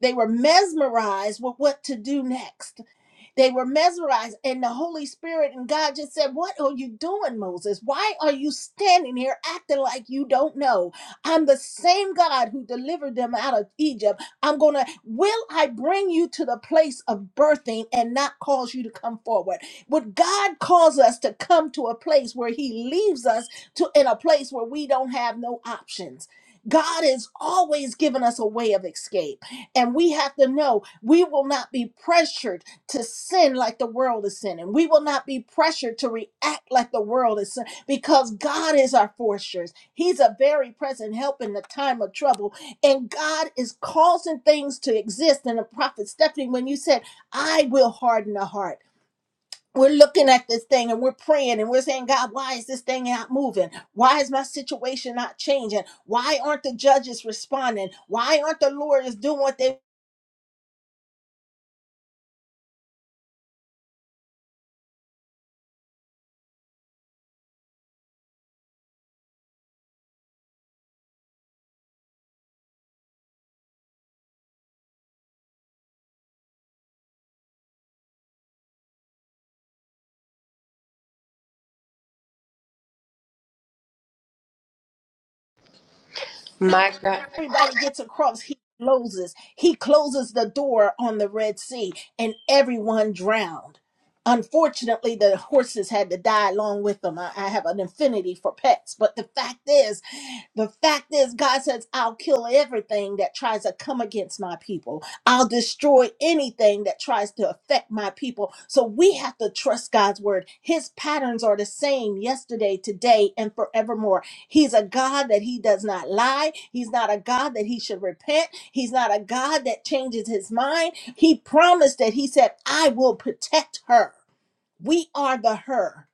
[SPEAKER 3] they were mesmerized with what to do next they were mesmerized, and the Holy Spirit and God just said, What are you doing, Moses? Why are you standing here acting like you don't know? I'm the same God who delivered them out of Egypt. I'm going to, will I bring you to the place of birthing and not cause you to come forward? Would God cause us to come to a place where He leaves us to in a place where we don't have no options? God is always giving us a way of escape. And we have to know we will not be pressured to sin like the world is sinning. We will not be pressured to react like the world is sin because God is our fortress. He's a very present help in the time of trouble. And God is causing things to exist. And the prophet Stephanie, when you said, I will harden the heart. We're looking at this thing and we're praying and we're saying, God, why is this thing not moving? Why is my situation not changing? Why aren't the judges responding? Why aren't the lawyers doing what they
[SPEAKER 1] my God.
[SPEAKER 3] everybody gets across he closes he closes the door on the red sea and everyone drowned unfortunately the horses had to die along with them i, I have an affinity for pets but the fact is the fact is, God says, I'll kill everything that tries to come against my people. I'll destroy anything that tries to affect my people. So we have to trust God's word. His patterns are the same yesterday, today, and forevermore. He's a God that he does not lie. He's not a God that he should repent. He's not a God that changes his mind. He promised that he said, I will protect her. We are the her.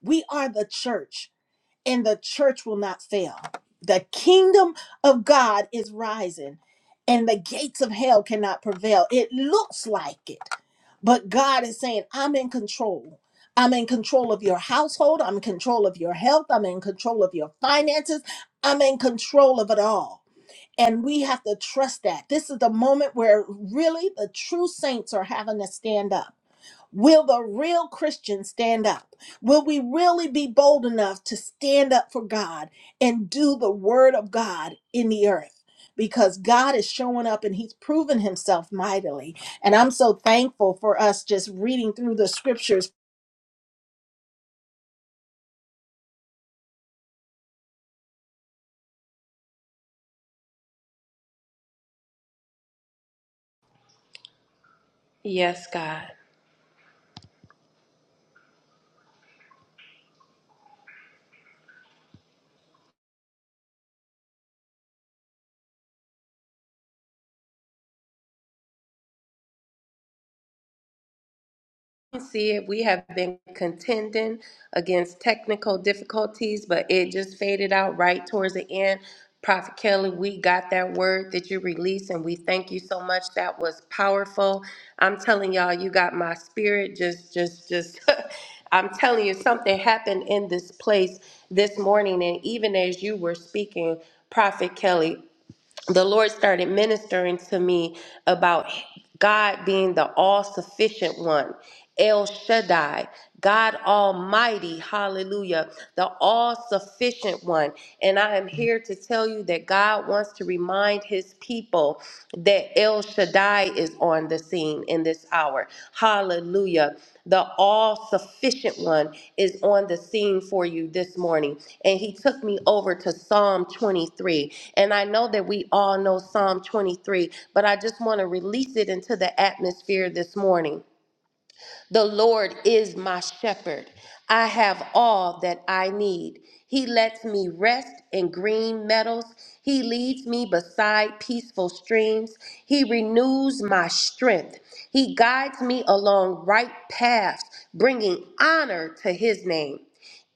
[SPEAKER 3] We are the church and the church will not fail. The kingdom of God is rising, and the gates of hell cannot prevail. It looks like it, but God is saying, I'm in control. I'm in control of your household. I'm in control of your health. I'm in control of your finances. I'm in control of it all. And we have to trust that. This is the moment where really the true saints are having to stand up Will the real Christians stand up? Will we really be bold enough to stand up for God and do the word of God in the earth? Because God is showing up and He's proven Himself mightily. And I'm so thankful for us just reading through the scriptures
[SPEAKER 1] Yes, God. see it. We have been contending against technical difficulties, but it just faded out right towards the end. Prophet Kelly, we got that word that you released, and we thank you so much. That was powerful. I'm telling y'all, you got my spirit. Just, just, just. I'm telling you, something happened in this place this morning, and even as you were speaking, Prophet Kelly the Lord started ministering to me about God being the all sufficient one, El Shaddai, God Almighty, hallelujah, the all sufficient one. And I am here to tell you that God wants to remind his people that El Shaddai. Shaddai is on the scene in this hour. Hallelujah. The all sufficient one is on the scene for you this morning. And he took me over to Psalm 23. And I know that we all know Psalm 23, but I just want to release it into the atmosphere this morning. The Lord is my shepherd. I have all that I need. He lets me rest in green meadows. He leads me beside peaceful streams. He renews my strength. He guides me along right paths, bringing honor to his name.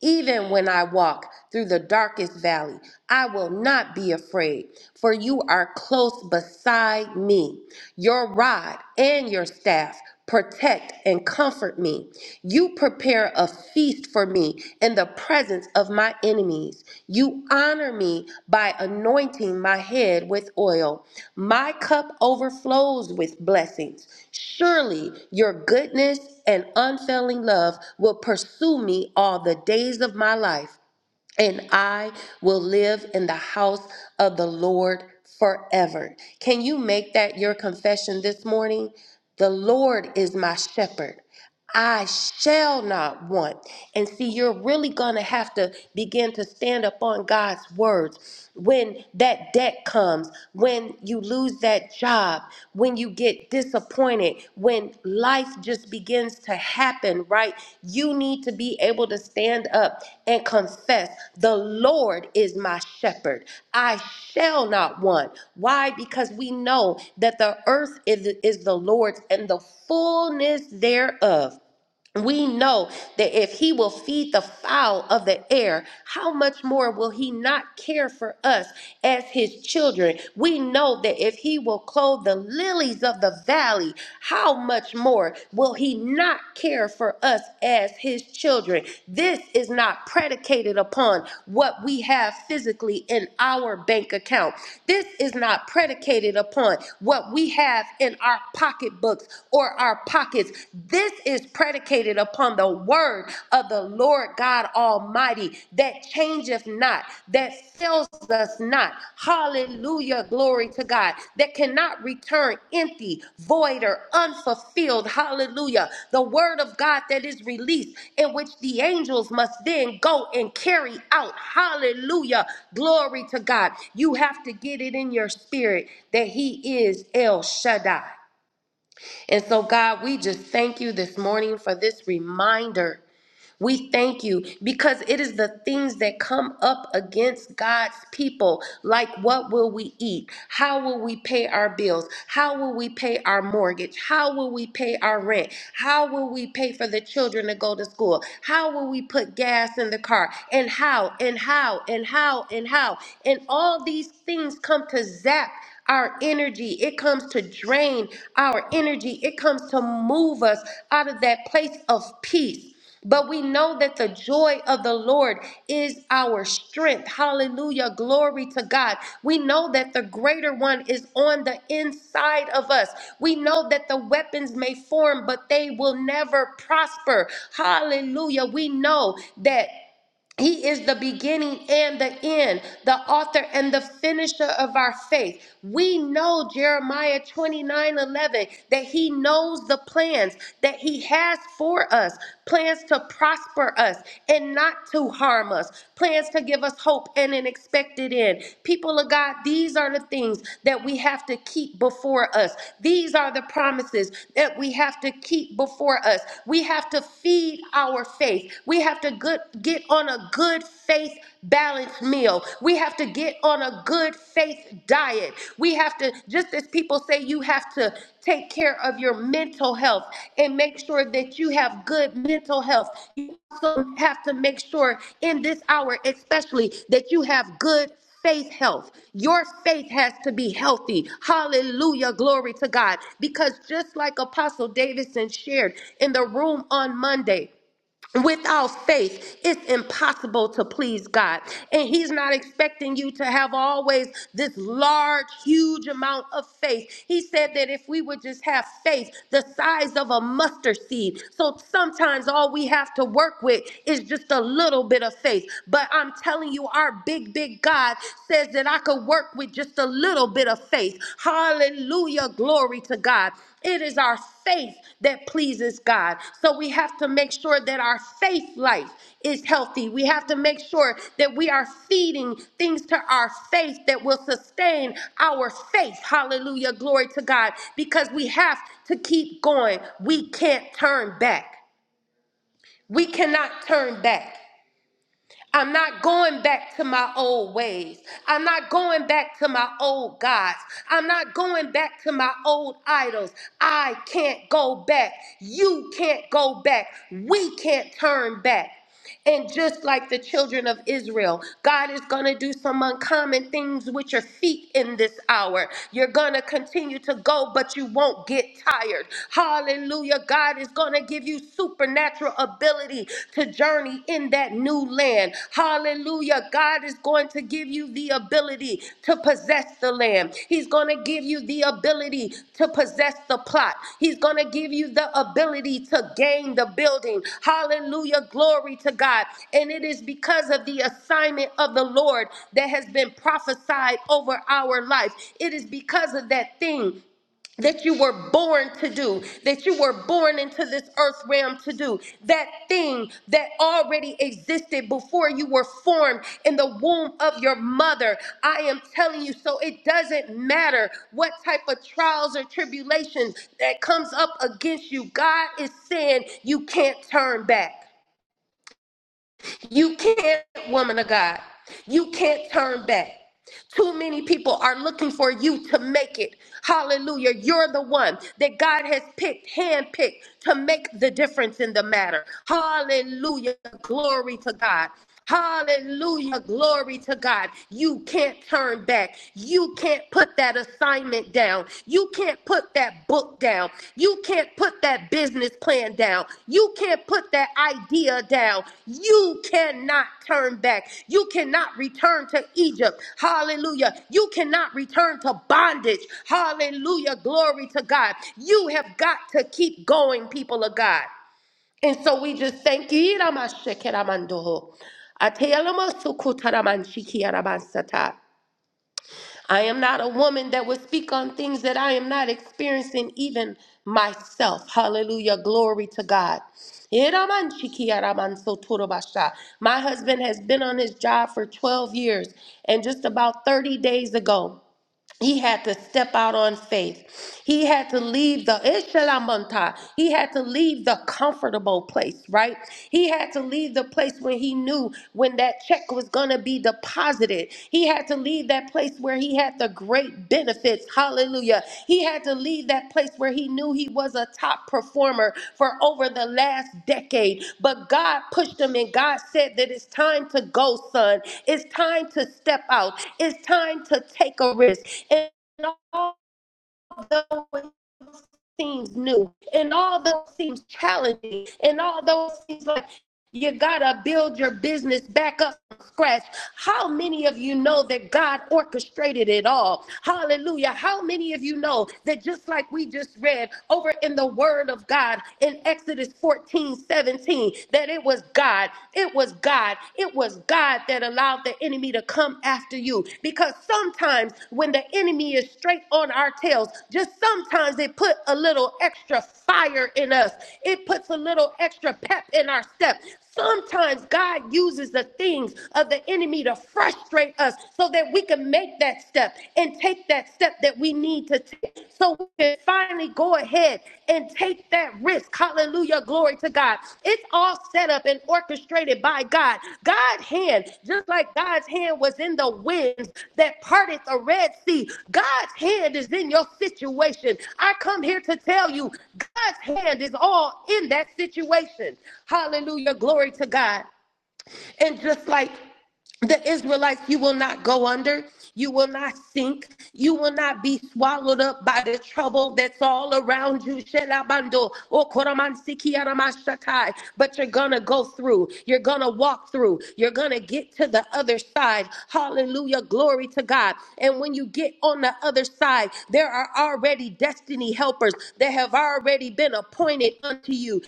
[SPEAKER 1] Even when I walk through the darkest valley, I will not be afraid, for you are close beside me. Your rod and your staff protect and comfort me. You prepare a feast for me in the presence presence of my enemies. You honor me by anointing my head with oil. My cup overflows with blessings. Surely your goodness and unfailing love will pursue me all the days of my life and I will live in the house of the Lord forever. Can you make that your confession this morning? The Lord is my shepherd. I shall not want. And see, you're really going to have to begin to stand upon God's words. When that debt comes, when you lose lose that job, when you get disappointed, when life just begins to happen, right? You need to be able to stand up and confess, The Lord is my shepherd. I shall not want. Why? Because we know that the earth is, is the Lord's and the fullness thereof we know that if he will feed the fowl of the air, how much more will he not care for us as his children? We know that if he will clothe the lilies of the valley, how much more will he not care for us as his children? This is not predicated upon what we have physically in our bank account. This is not predicated upon what we have in our pocketbooks or our pockets pockets. This is predicated upon the word of the Lord God Almighty that changeth not, that fails us not. Hallelujah. Glory to God. That cannot return empty, void, or unfulfilled. Hallelujah. The word of God that is released, in which the angels must then go and carry out. Hallelujah. Glory to God. You have to get it in your spirit that He is El Shaddai. And so, God, we just thank you this morning for this reminder we thank you because it is the things that come up against God's people. Like, what will we eat? How will we pay our bills? How will we pay our mortgage? How will we pay our rent? How will we pay for the children to go to school? How will we put gas in the car? And how, and how, and how, and how. And all these things come to zap our energy. It comes to drain our energy. It comes to move us out of that place of peace. But we know that the joy of the Lord is our strength. Hallelujah. Glory to God. We know that the greater one is on the inside of us. We know that the weapons may form, but they will never prosper. Hallelujah. We know that. He is the beginning and the end, the author and the finisher of our faith. We know Jeremiah 29 11 that he knows the plans that he has for us plans to prosper us and not to harm us, plans to give us hope and an expected end. People of God, these are the things that we have to keep before us. These are the promises that we have to keep before us. We have to feed our faith. We have have to good, get on a good faith balanced meal. We have to get on a good faith diet. We have to, just as people say, you have to take care of your mental health and make sure that you have good mental health. You also have to make sure in this hour, especially, that you have good faith health. Your faith has to be healthy. Hallelujah. Glory to God. Because just like Apostle Davidson shared in the room on Monday, Without faith, it's impossible to please God. And He's not expecting you to have always this large, huge amount of faith. He said that if we would just have faith the size of a mustard seed. So sometimes all we have to work with is just a little bit of faith. But I'm telling you, our big, big God says that I could work with just a little bit of faith. Hallelujah. Glory to God. It is our faith that pleases God. So we have to make sure that our faith life is healthy. We have to make sure that we are feeding things to our faith that will sustain our faith. Hallelujah. Glory to God. Because we have to keep going. We can't turn back. We cannot turn back. I'm not going back to my old ways. I'm not going back to my old gods. I'm not going back to my old idols. I can't go back. You can't go back. We can't turn back. And just like the children of Israel, God is going to do some uncommon things with your feet in this hour. You're going to continue to go, but you won't get tired. Hallelujah. God is going to give you give you supernatural ability to journey in that new land. Hallelujah. God is going to give you the ability to possess the land. He's going to give you the ability to possess the plot. He's going to give you the ability to gain the building. Hallelujah. Glory to God. And it is because of the assignment of the Lord that has been prophesied over our life. It is because of that thing that you were born to do, that you were born into this earth realm to do, that thing that already existed before you were formed in the womb of your mother. I am telling you, so it doesn't matter what type of trials or tribulations that comes up against you. God is saying you can't turn back. You can't, woman of God. You can't turn back. Too many people are looking for you to make it. Hallelujah. You're the one that God has picked, handpicked to make the difference in the matter. Hallelujah. Glory to God. Hallelujah. Glory to God. You can't turn back. You can't put that assignment down. You can't put that book down. You can't put that business plan down. You can't put that idea down. You cannot turn back. You cannot return to Egypt. Hallelujah. You cannot return to bondage. Hallelujah. Glory to God. You have got to keep going, people of God. And so we just thank you. Iramashekeramando. Atelamosukutaramanchikiarabasata. I am not a woman that would speak on things that I am not experiencing, even myself. Hallelujah. Glory to God. Iramanchikiaramansotorobasha. My husband has been on his job for 12 years, and just about 30 days ago, he had to step out on faith. He had to leave the Ishalamanta. He had to leave the comfortable place, right? He had to leave the place where he knew when that check was going to be deposited. He had to leave that place where he had the great benefits. Hallelujah. He had to leave that place where he knew he was a top performer for over the last decade. But God pushed him and God said that it's time to go, son. It's time to step out. It's time to take a risk. And although it seems new, and although it seems challenging, and although it seems like you gotta build your business back up from scratch. How many of you know that God orchestrated it all? Hallelujah. How many of you know that just like we just read over in the Word of God in Exodus 14 17, that it was God, it was God, it was God that allowed the enemy to come after you because because sometimes when the enemy is straight on our tails, just sometimes it put a little extra fire in us. It puts a little extra pep in our step. Sometimes God uses the things of the enemy to frustrate us so that we can make that step and take that step that we need to take so we can finally go ahead ahead and take that risk. Hallelujah. Glory to God. It's all set up and orchestrated by God. God's hand, just like God's hand was in the winds that parted the Red Sea, God's hand is in your situation. I come here to tell you, God's hand is all in that situation. Hallelujah. Glory to God. And just like the Israelites, you will not go under. You will not sink. You will not be swallowed up by the trouble that's all around you. Shelabando, okoromansikiaramashakai. But you're going to go through. You're going to walk through. You're going to get to the other side. Hallelujah. Glory to God. And when you get on the other side, there are already destiny helpers that have already been appointed unto you.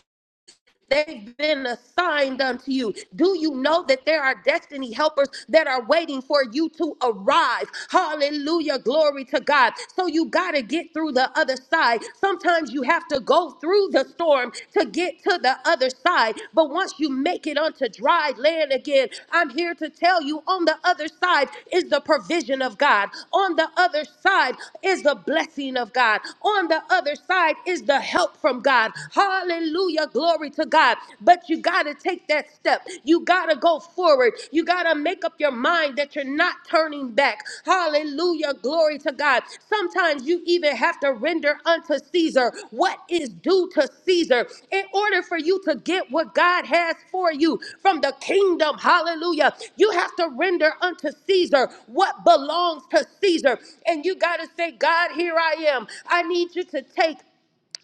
[SPEAKER 1] They've been assigned unto you. Do you know that there are destiny helpers that are waiting for you to arrive? Hallelujah. Glory to God. So you got to get through the other side. Sometimes you have to go through the storm to get to the other side. But once you make it onto dry land again, I'm here to tell you on the other side is the provision of God. On the other side is the blessing of God. On the other side is the help from God. Hallelujah. Glory to God. But you got to take that step. You got to go forward. You got to make up your mind that you're not turning back. Hallelujah. Glory to God. Sometimes you even have to render unto Caesar what is due to Caesar in order for you to get what God has for you from the kingdom. Hallelujah. You have to render unto Caesar what belongs to Caesar. And you got to say, God, here I am. I need you to take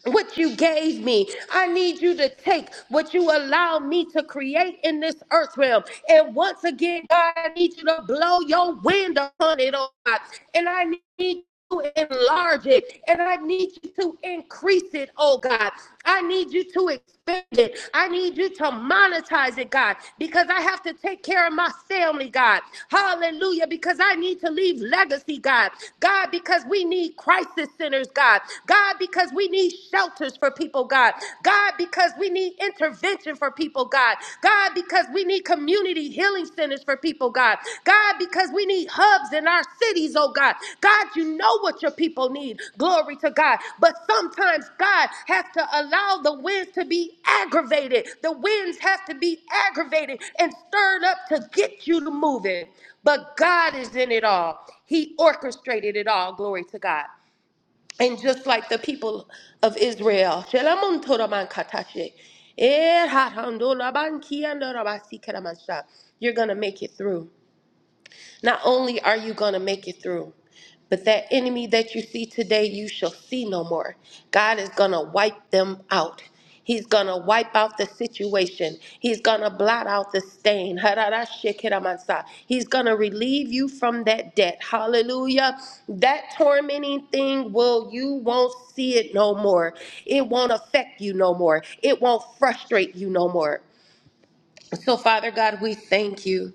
[SPEAKER 1] what you gave me. I need you to take what you allow me to create in this earth realm. And once again, God, I need you to blow your wind upon it, oh God. And I need you to enlarge it. And I need you to increase it, oh God. I need you to expand it. I need you to monetize it, God, because I have to take care of my family, God. Hallelujah, because I need to leave legacy, God. God, because we need crisis centers, God. God, because we need shelters for people, God. God, because we need intervention for people, God. God, because we need community healing centers for people, God. God, because we need hubs in our cities, oh God. God, you know what your people need. Glory to God. But sometimes God has to allow the winds to be aggravated. The winds have to be aggravated and stirred up to get you to move it. But God is in it all. He orchestrated it all. Glory to God. And just like the people of Israel, Shelamun Toraman Katashe, Eh, Hatandola Ban Kiandora Basi Keramansha. you're going to make it through. Not only are you going to make it through, but that enemy that you see today, you shall see no more. God is going to wipe them out. He's going to wipe out the situation. He's going to blot out the stain. Hararashikiramansa. He's going to relieve you from that debt. Hallelujah. That tormenting thing will you won't see it no more. It won't affect you no more. It won't frustrate you no more. So, Father God, we thank you.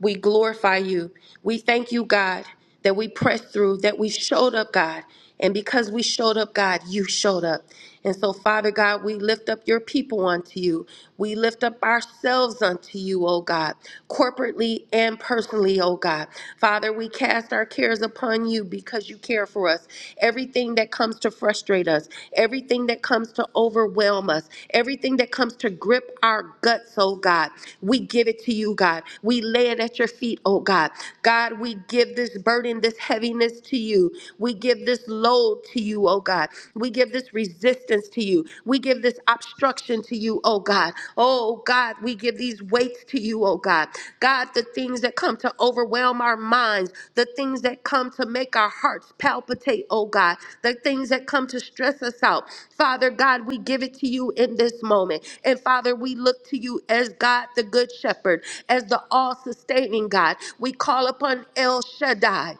[SPEAKER 1] We glorify you. We thank you, God, that we pressed through, that we showed up, God. And because we showed up, God, you showed up. And so, Father God, we lift up your people unto you. We lift up ourselves unto you, O God, corporately and personally, O God. Father, we cast our cares upon you because you care care for us, everything that comes to frustrate us, everything that comes to overwhelm us, everything that comes to grip our guts, oh God. We give it to you, God. We lay it at your feet, oh God. God, we give this burden, this heaviness to you. We give this load to you, oh God. We give this resistance to you. We give this obstruction to you, oh God. Oh God, we give these weights to you, oh God. God, the things that come to overwhelm our minds, the things that come to make our hearts palpitate, oh God, the things that come to stress us out. Father God, we give it to you in this moment. And Father, we look to you as God, the Good Shepherd, as the all sustaining God. We call upon El Shaddai.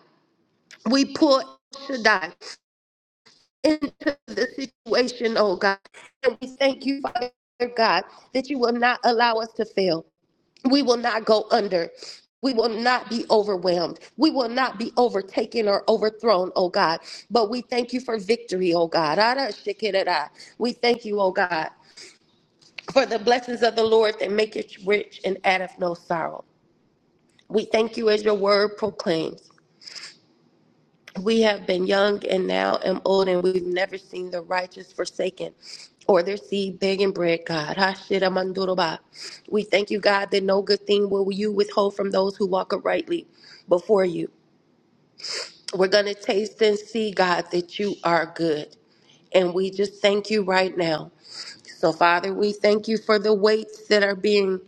[SPEAKER 1] We pull El Shaddai into the situation, oh God. And we thank you, Father God, that you will not allow us to fail. We will not go under. We will not be overwhelmed. We will not be overtaken or overthrown, oh God. But we thank you for victory, oh God. Ara shikirara. We thank you, oh God, for the blessings of the Lord that make it rich and addeth no sorrow. We thank you as your word proclaims. We have been young and now am old, and we've never seen the righteous forsaken or their seed begging bread, God. Hashiramaduroba. We thank you, God, that no good thing will you withhold from those who walk uprightly before you. We're going to taste and see, God, that you are good. And we just thank you right now. So, Father, we thank you for the weights that are being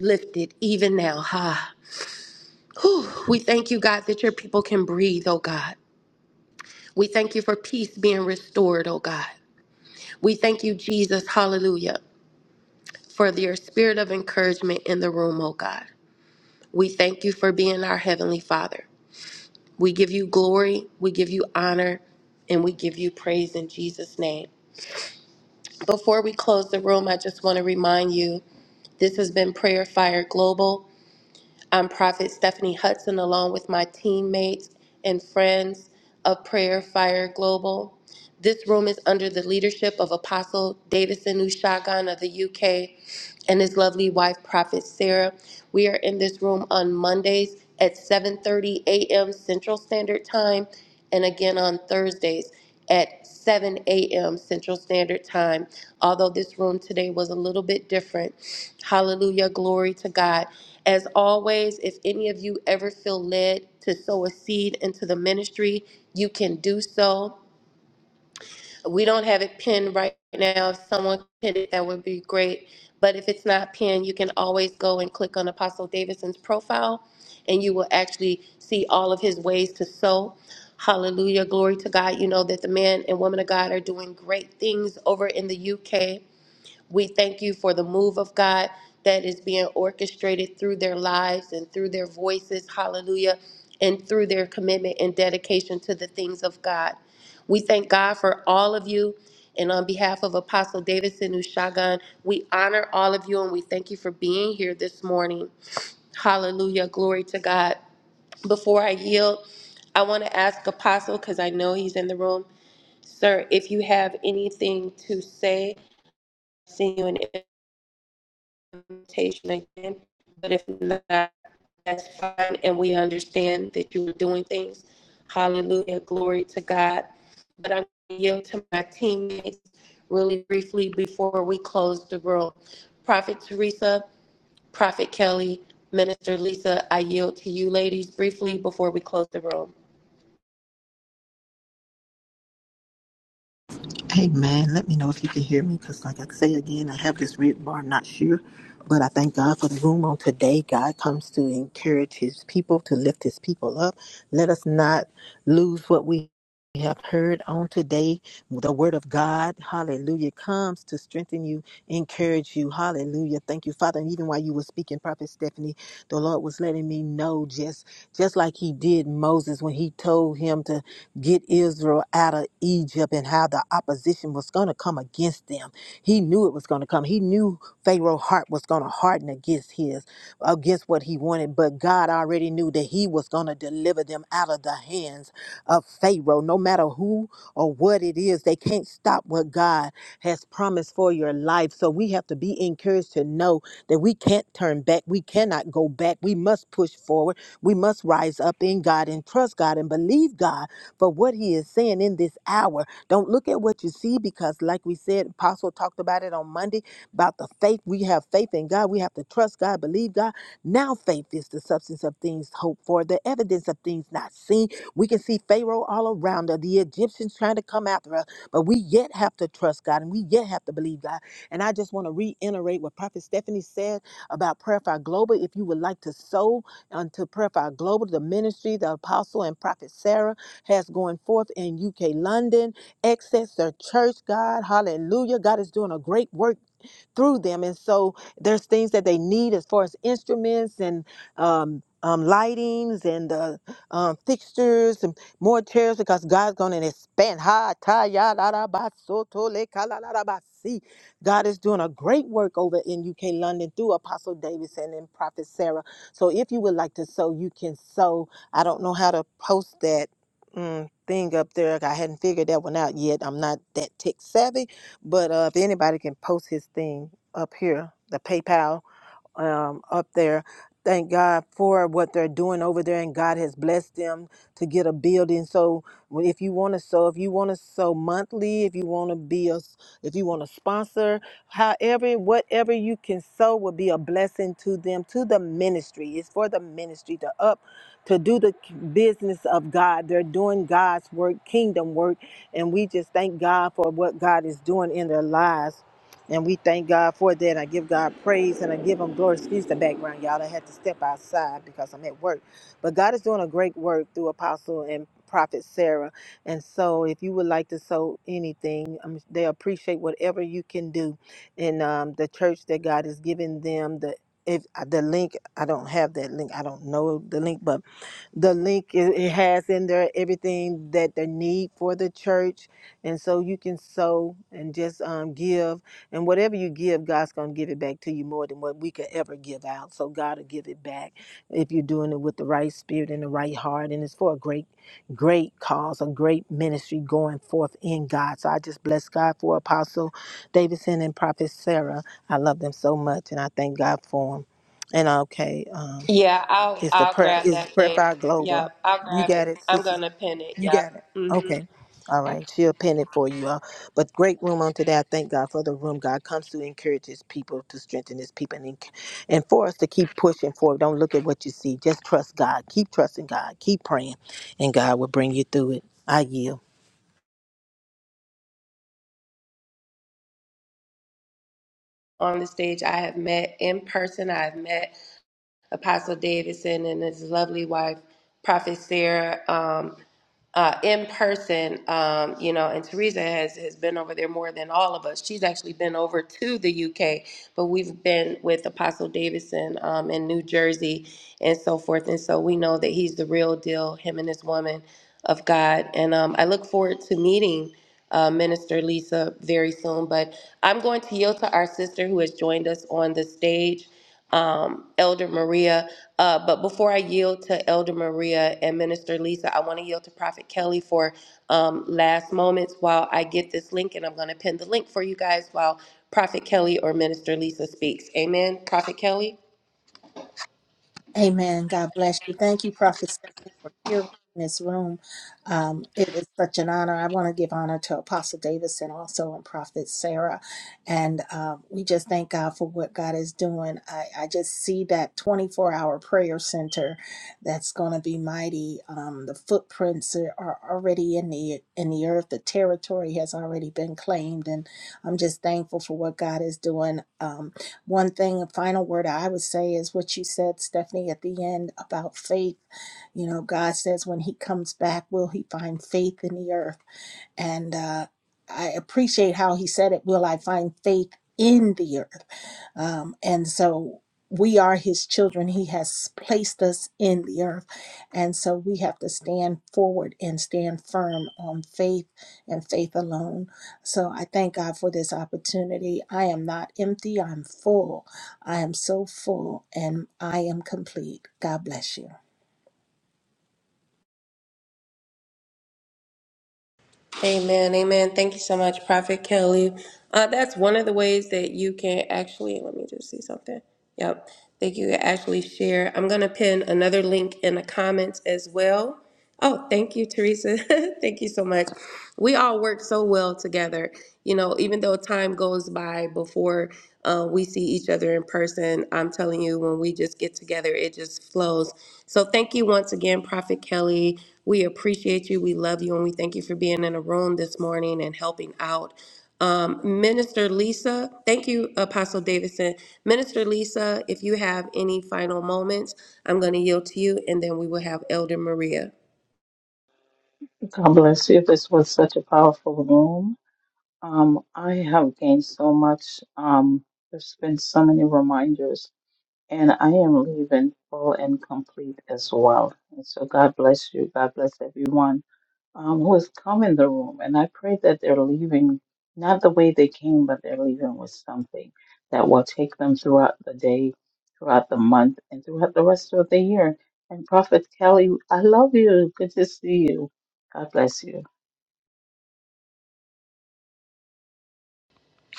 [SPEAKER 1] lifted even now. Ha. Whew. We thank you, God, that your people can breathe, oh God. We thank you for peace being restored, oh God. We thank you, Jesus, hallelujah, for your spirit of encouragement in the room, oh God. We thank you for being our Heavenly Father. We give you glory, we give you honor, and we give you praise in Jesus' name. Before we close the room, I just want to remind you this has been Prayer Fire Global. I'm Prophet Stephanie Hudson, along with my teammates and friends of Prayer Fire Global. This room is under the leadership of Apostle Davidson Ushagan of the UK and his lovely wife, Prophet Sarah. We are in this room on Mondays at 7:30 a.m. Central Standard Time, and again on Thursdays at 7 a.m. Central Standard Time. Although this room today was a little bit different, Hallelujah, glory to God. As always, if any of you ever feel led to sow a seed into the ministry, you can do so. We don't have it pinned right now. If someone pinned it, that would be great. But if it's not pinned, you can always go and click on Apostle Davidson's profile and you will actually see all of his ways to sow. Hallelujah. Glory to God. You know that the man and woman of God are doing great things over in the UK. We thank you for the move of God that is being orchestrated through their lives and through their voices. Hallelujah. And through their commitment and dedication to the things of God. We thank God for all of you. And on behalf of Apostle Davidson Ushagan, we honor all of you and we thank you for being here this morning. Hallelujah. Glory to God. Before I yield, I want to ask Apostle, because I know he's in the room, sir, if you have anything to say, see you in presentation again, but if not, that's fine, and we understand that you were doing things. Hallelujah, glory to God. But I'm going to yield to my teammates really briefly before we close the room. Prophet Teresa, Prophet Kelly, Minister Lisa, I yield to you ladies briefly before we close the room.
[SPEAKER 2] Hey man, let me know if you can hear me because, like I say again, I have this red bar. I'm not sure, but I thank God for the room on today. God comes to encourage His people, to lift His people up. Let us not lose what we have heard on today. The Word of God, Hallelujah, comes to strengthen you, encourage you, Hallelujah. Thank you, Father. And even while you were speaking, Prophet Stephanie, the Lord was letting me know just just like He did Moses when He told him to get Israel out of Egypt and how the opposition was going to come against them. He knew it was going to come. He knew Pharaoh's heart was going to harden against his, against what he wanted. But God already knew that he was going to deliver them out of the hands of Pharaoh. No matter who or what it is, they can't stop what God has promised for your life. So we have to be encouraged to know that we can't turn back. We cannot go back. We must push forward. We must rise up in God and trust God and believe God but what he is saying in this hour, don't look at what you see because, like we said, Apostle talked about it on Monday about the faith. We have faith in God. We have to trust God, believe God. Now, faith is the substance of things hoped for, the evidence of things not seen. We can see Pharaoh all around us, the Egyptians trying to come after us, but we yet have to trust God and we yet have to believe God. And I just want to reiterate what Prophet Stephanie said about Prayer Fire Global. If you would like to sow unto Prayer Fire Global, the ministry, the apostle, and Prophet Sarah has gone forth in UK, London, Excess, the church, God. Hallelujah. God is doing a great work through them. And so there's things that they need as far as instruments and um, um, lightings and uh, um, fixtures and more chairs because God's going to expand. Ha ta ya la da ba so to le ka la la da ba si. God is doing a great work over in UK London through Apostle Davidson and Prophet Sarah. So if you would like to sow, you can sow. I don't know how to post that mm, thing up there. I hadn't figured that one out yet. I'm not that tech savvy, but uh, if anybody can post his thing up here, the PayPal um, up there. Thank God for what they're doing over there, and God has blessed them to get a building. So, w- if you want to sow, if you want to sow monthly, if you want to be a, s- if you want to sponsor, however, whatever you can sow will be a blessing to them, to the ministry. It's for the ministry to up, to do the k- business of God. They're doing God's work, kingdom work, and we just thank God for what God is doing in their lives. And we thank God for that. I give God praise and I give him glory. Excuse the background, y'all. I had to step outside because I'm at work. But God is doing a great work through Apostle and Prophet Sarah. And so if you would like to sow anything, um, they appreciate whatever you can do. And um, the church that God is giving them, the if uh, the link, I don't have that link. I don't know the link, but the link it it has in there everything that they need for the church and so you can sow and just um, give and whatever you give god's going to give it back to you more than what we could ever give out so god will give it back if you're doing it with the right spirit and the right heart and it's for a great great cause a great ministry going forth in god so i just bless god for apostle davidson and prophet sarah i love them so much and i thank god for them and okay um,
[SPEAKER 1] Yeah, I'll
[SPEAKER 2] it's the
[SPEAKER 1] I'll
[SPEAKER 2] prayer
[SPEAKER 1] grab
[SPEAKER 2] It's
[SPEAKER 1] that
[SPEAKER 2] prayer
[SPEAKER 1] link.
[SPEAKER 2] fire
[SPEAKER 1] Yep,
[SPEAKER 2] global.
[SPEAKER 1] I'll
[SPEAKER 2] You
[SPEAKER 1] grab it.
[SPEAKER 2] got it,
[SPEAKER 1] I'm
[SPEAKER 2] sisters.
[SPEAKER 1] gonna pin it.
[SPEAKER 2] You
[SPEAKER 1] Yep.
[SPEAKER 2] got it.
[SPEAKER 1] hmm
[SPEAKER 2] Okay. All right. She'll pin it for you all. But great room on today. I thank God for the room. God comes to encourage his people, to strengthen his people, and, enc- and for us to keep pushing forward. Don't look at what you see. Just trust God. Keep trusting God. Keep praying, and God will bring you through it. I yield.
[SPEAKER 1] On the stage, I have met in person. I've met Apostle Davidson and his lovely wife, Prophet Sarah, um, uh, in person. Um, you know, and Teresa has has been over there more than all of us. She's actually been over to the UK, but we've been with Apostle Davidson um, in New Jersey and so forth. And so we know that he's the real deal. Him and his woman of God. And um, I look forward to meeting. Uh, Minister Lisa, very soon. But I'm going to yield to our sister who has joined us on the stage um, Elder Maria. Uh, but before I yield to Elder Maria and Minister Lisa, I want to yield to Prophet Kelly for um, last moments while I get this link, and I'm going to pin the link for you guys while Prophet Kelly or Minister Lisa speaks. Amen. Prophet Kelly.
[SPEAKER 3] Amen. God bless you. Thank you, Prophet Stephanie, for hearing this room. Um, it is such an honor. I want to give honor to Apostle Davidson also and Prophet Sarah. And um, we just thank God for what God is doing. I, I just see that 24 hour prayer center that's going to be mighty. Um, the footprints are are already in the in the earth. The territory has already been claimed. And I'm just thankful for what God is doing. Um, one thing, a final word I would say is what you said, Stephanie, at the end about faith. You know, God says when He comes back, will He find faith in the earth? And uh, I appreciate how he said it Will I find faith in the earth? Um, and so we are his children. He has placed us in the earth. And so we have to stand forward and stand firm on faith and faith alone. So I thank God for this opportunity. I am not empty, I'm full. I am so full and I am complete. God bless you.
[SPEAKER 1] Amen. Amen. Thank you so much, Prophet Kelly. Uh, that's one of the ways that you can actually, let me just see something. Yep. That you can actually share. I'm going to pin another link in the comments as well. Oh, thank you, Teresa. thank you so much. We all work so well together. You know, even though time goes by before uh, we see each other together in person, I'm telling you, when we just get together, it just flows. So thank you once again, Prophet Kelly. We appreciate you. We love you. And we thank you for being in the room this morning and helping out. Um, Minister Lisa, thank you, Apostle Davidson. Minister Lisa, if you have any final moments, I'm going to yield to you and then we will have Elder Maria.
[SPEAKER 4] God bless you. This was such a powerful room. Um, I have gained so much. Um, there's been so many reminders And I am leaving full and complete as well. And so God bless you. God bless everyone um, who has come in the room. And I pray that they're leaving not the way they came, but they're leaving with something that will take them throughout the day, throughout the month, and throughout the rest of the year. And Prophet Kelly, I love you. Good to see you. God bless you.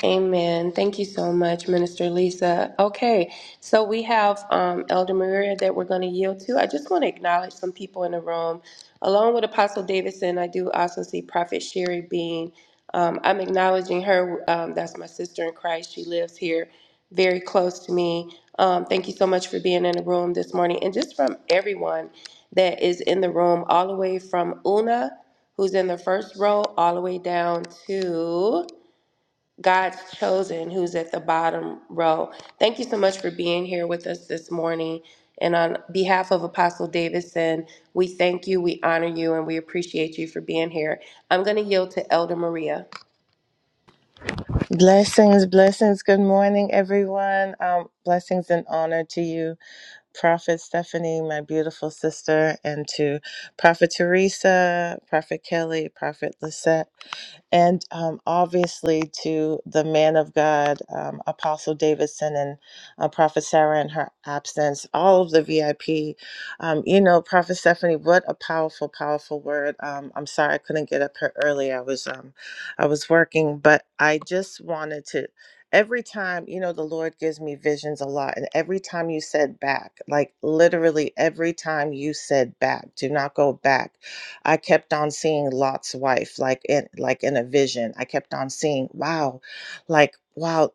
[SPEAKER 1] Amen. Thank you so much, Minister Lisa. Okay, so we have um, Elder Maria that we're going to yield to. I just want to acknowledge some people in the room. Along with Apostle Davidson, I do also see Prophet Sherry Bean. Um, I'm acknowledging her. Um, that's my sister in Christ. She lives here very close to me. Um, thank you so much for being in the room this morning. And just from everyone that is in the room, all the way from Una, who's in the first row, all the way down to. God's chosen who's at the bottom row. Thank you so much for being here with us this morning. And on behalf of Apostle Davidson, we thank you, we honor you, and we appreciate you for being here. I'm going to yield to Elder Maria.
[SPEAKER 5] Blessings, blessings. Good morning, everyone. Um, blessings and honor to you, Prophet Stephanie, my beautiful sister, and to Prophet Teresa, Prophet Kelly, Prophet Lisette and um, obviously to the man of God, um, Apostle Davidson and uh, Prophet Sarah in her absence, all of the VIP. Um, you know, Prophet Stephanie, what a powerful, powerful word. Um, I'm sorry I couldn't get up here early. I was, um, I was working, but I just wanted to. Every time, you know, the Lord gives me visions a lot. And every time you said back, like literally every time you said back, do not go back I kept on seeing Lot's wife, like in like in a vision. I kept on seeing, wow, like wow,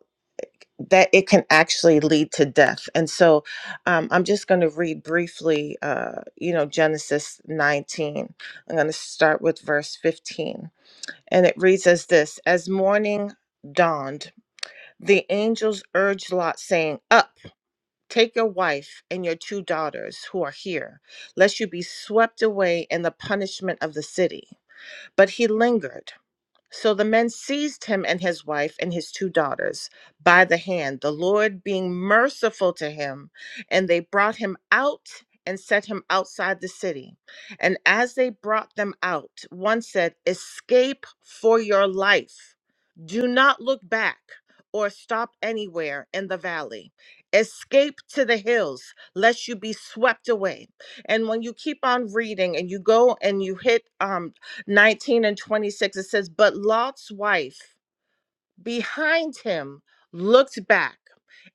[SPEAKER 5] that it can actually lead to death. And so, um, I'm just going to read briefly, uh, you know, Genesis 19. I'm going to start with verse 15, and it reads as this: As morning dawned, the angels urged Lot, saying, "Up." Take your wife and your two daughters who are here, lest you be swept away in the punishment of the city. But he lingered. So the men seized him and his wife and his two daughters by the hand, the Lord being merciful to him. And they brought him out and set him outside the city. And as they brought them out, one said, Escape for your life. Do not look back or stop anywhere in the valley. Escape to the hills, lest you be swept away. And when you keep on reading and you go and you hit um, 19 and 26, it says, But Lot's wife, behind him looked back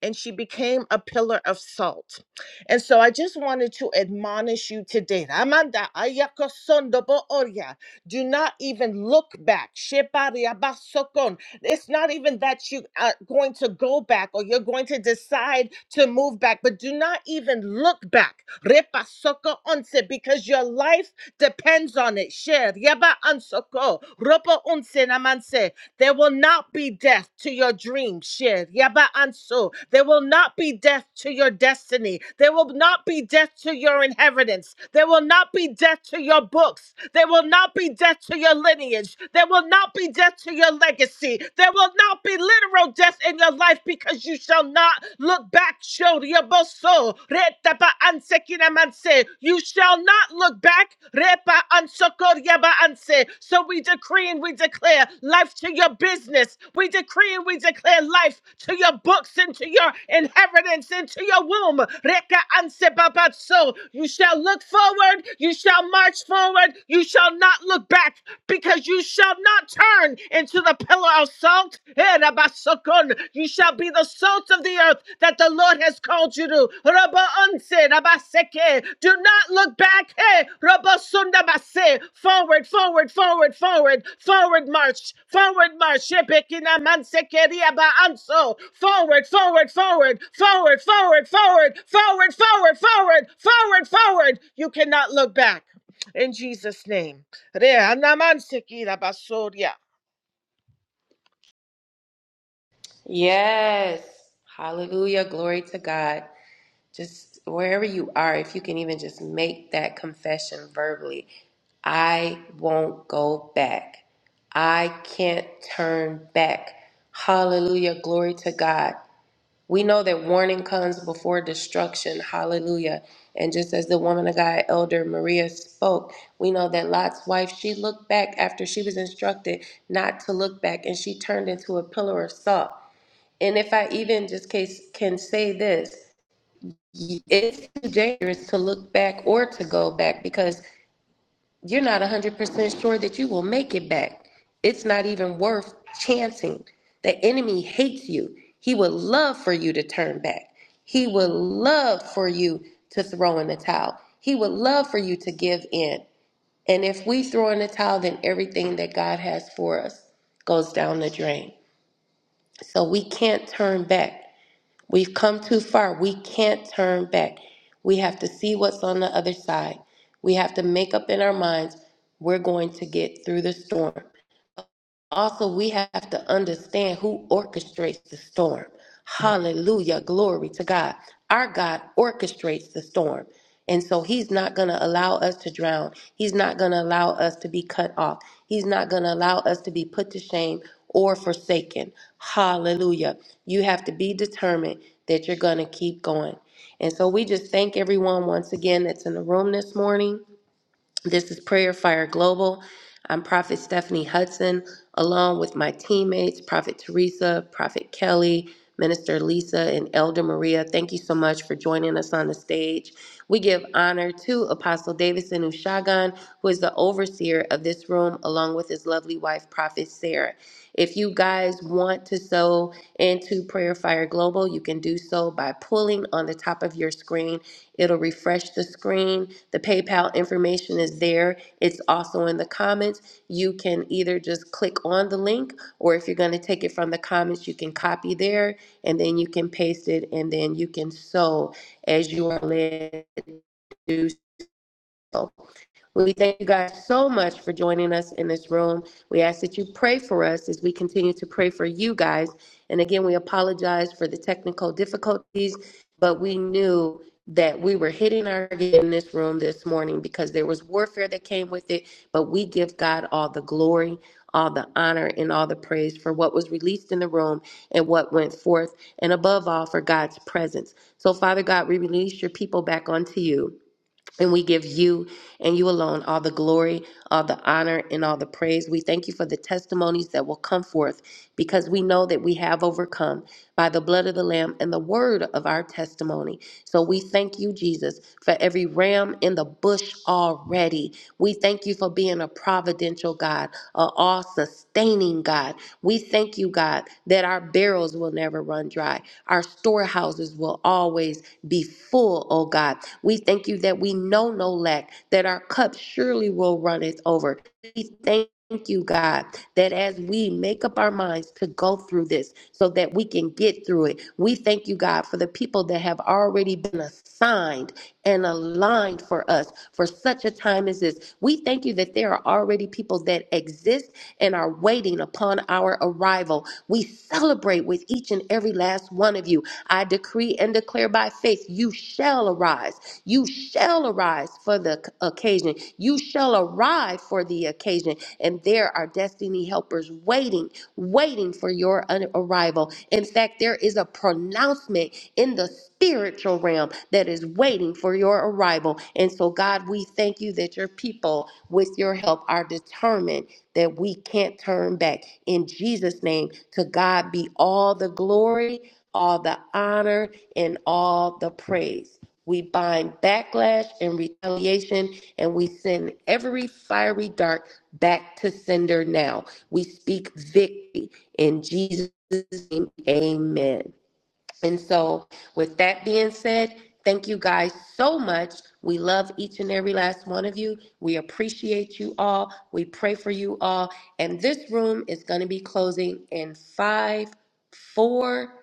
[SPEAKER 5] and she became a pillar of salt. And so I just wanted to admonish you today. Amanda. ayako sondo bo oria. Do not even look back. Shepari abasokon. It's not even that you are going to go back or you're going to decide to move back, but do not even look back. Repasoko onse, Because your life depends on it. Sher yaba ansoko. Ropo onse namanse. There will not be death to your dream, Shir. Yaba Anso. There will not be death to your destiny. There will not be death to your inheritance. There will not be death to your books. There will not be death to your lineage. There will not be death to your legacy. There will not be literal death in your life because you shall not look back. Shodiaboso. Retaba Ansekinamanse anse. You shall not look back. Repa ansokor yaba anse. So we decree and we declare life to your business. We decree and we declare life to your books and to your inheritance and to your womb. Reka anse babatso. You shall look forward. You shall march forward. You shall not look back because you shall not turn into the pillar of salt. Eraba rabasokon. You shall be the salt of the earth that the Lord has called you to. Rabba unse, rabaseke. Do not look back. Hey, rabba sundabase. Forward, forward, forward, forward, forward march, forward march. Shebekina mansekeria ba anso. Forward, forward, forward, forward, forward, forward, forward, forward, forward, forward, forward. You cannot look back. In Jesus' name. Re anamanseki rabasoria.
[SPEAKER 1] Yes. Hallelujah. Glory to God. Just wherever you are, if you can even just make that confession verbally I won't go back. I can't turn back. Hallelujah. Glory to God. We know that warning comes before destruction. Hallelujah. And just as the woman of God, Elder Maria, spoke, we know that Lot's wife, she looked back after she was instructed not to look back and she turned into a pillar of salt. And if I even just case, can say this, it's too dangerous to look back or to go back because you're not 100% sure that you will make it back. It's not even worth chancing. The enemy hates you. He would love for you to turn back. He would love for you to throw in the towel. He would love for you to give in. And if we throw in the towel, then everything that God has for us goes down the drain. So we can't turn back. We've come too far. We can't turn back. We have to see what's on the other side. We have to make up in our minds we're going to get through the storm. Also, we have to understand who orchestrates the storm. Hallelujah. Glory to God. Our God orchestrates the storm. And so he's not going to allow us to drown. He's not going to allow us to be cut off. He's not going to allow us to be put to shame or forsaken. Hallelujah. You have to be determined that you're going to keep going. And so we just thank everyone once again that's in the room this morning. This is Prayer Fire Global. I'm Prophet Stephanie Hudson, along with my teammates, Prophet Teresa, Prophet Kelly, Minister Lisa, and Elder Maria. Thank you so much for joining us on the stage. We give honor to Apostle Davidson Ushagan, who is the overseer of this room, along with his lovely wife, Prophet Sarah. If you guys want to sow into Prayer Fire Global, you can do so by pulling on the top of your screen It'll refresh the screen. The PayPal information is there. It's also in the comments. You can either just click on the link, or if you're going to take it from the comments, you can copy there and then you can paste it and then you can sew as you are led to do so. We thank you guys so much for joining us in this room. We ask that you pray for us as we continue to pray for you guys. And again, we apologize for the technical difficulties, but we knew that we were hitting our target in this room this morning because there was warfare that came with it. But we give God all the glory, all the honor, and all the praise for what was released in the room and what went forth, and above all, for God's presence. So, Father God, we release your people back onto you. And we give you and you alone all the glory, all the honor, and all the praise. We thank you for the testimonies that will come forth because we know that we have overcome by the blood of the Lamb and the word of our testimony. So we thank you, Jesus, for every ram in the bush already. We thank you for being a providential God, a all sustaining God. We thank you, God, that our barrels will never run dry, our storehouses will always be full, O God. We thank you that we know no lack, that our cup surely will runneth over. We thank Thank you, God, that as we make up our minds to go through this so that we can get through it, we thank you, God, for the people that have already been assigned and aligned for us for such a time as this. We thank you that there are already people that exist and are waiting meeting upon our arrival. We celebrate with each and every last one of you. I decree and declare by faith, you shall arise. You shall arise for the c- occasion. You shall arrive for the occasion. And there are destiny helpers waiting, waiting for your un- arrival. In fact, there is a pronouncement in the spiritual realm that is waiting for your arrival. And so, God, we thank you that your people, with your help, are determined that we can't turn back. In Jesus' name, to God be all the glory, all the honor, and all the praise. We bind backlash and retaliation, and we send every fiery dart back to sender now. We speak victory in Jesus' name. Amen. And so, with that being said, thank you guys so much. We love each and every last one of you. We appreciate you all. We pray for you all. And this room is going to be closing in five, four,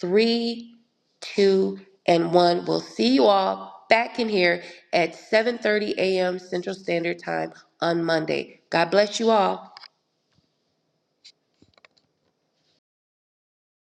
[SPEAKER 1] three, two, and one. We'll see you all back in here at 7:30 a.m. Central Standard Time on Monday. God bless you all.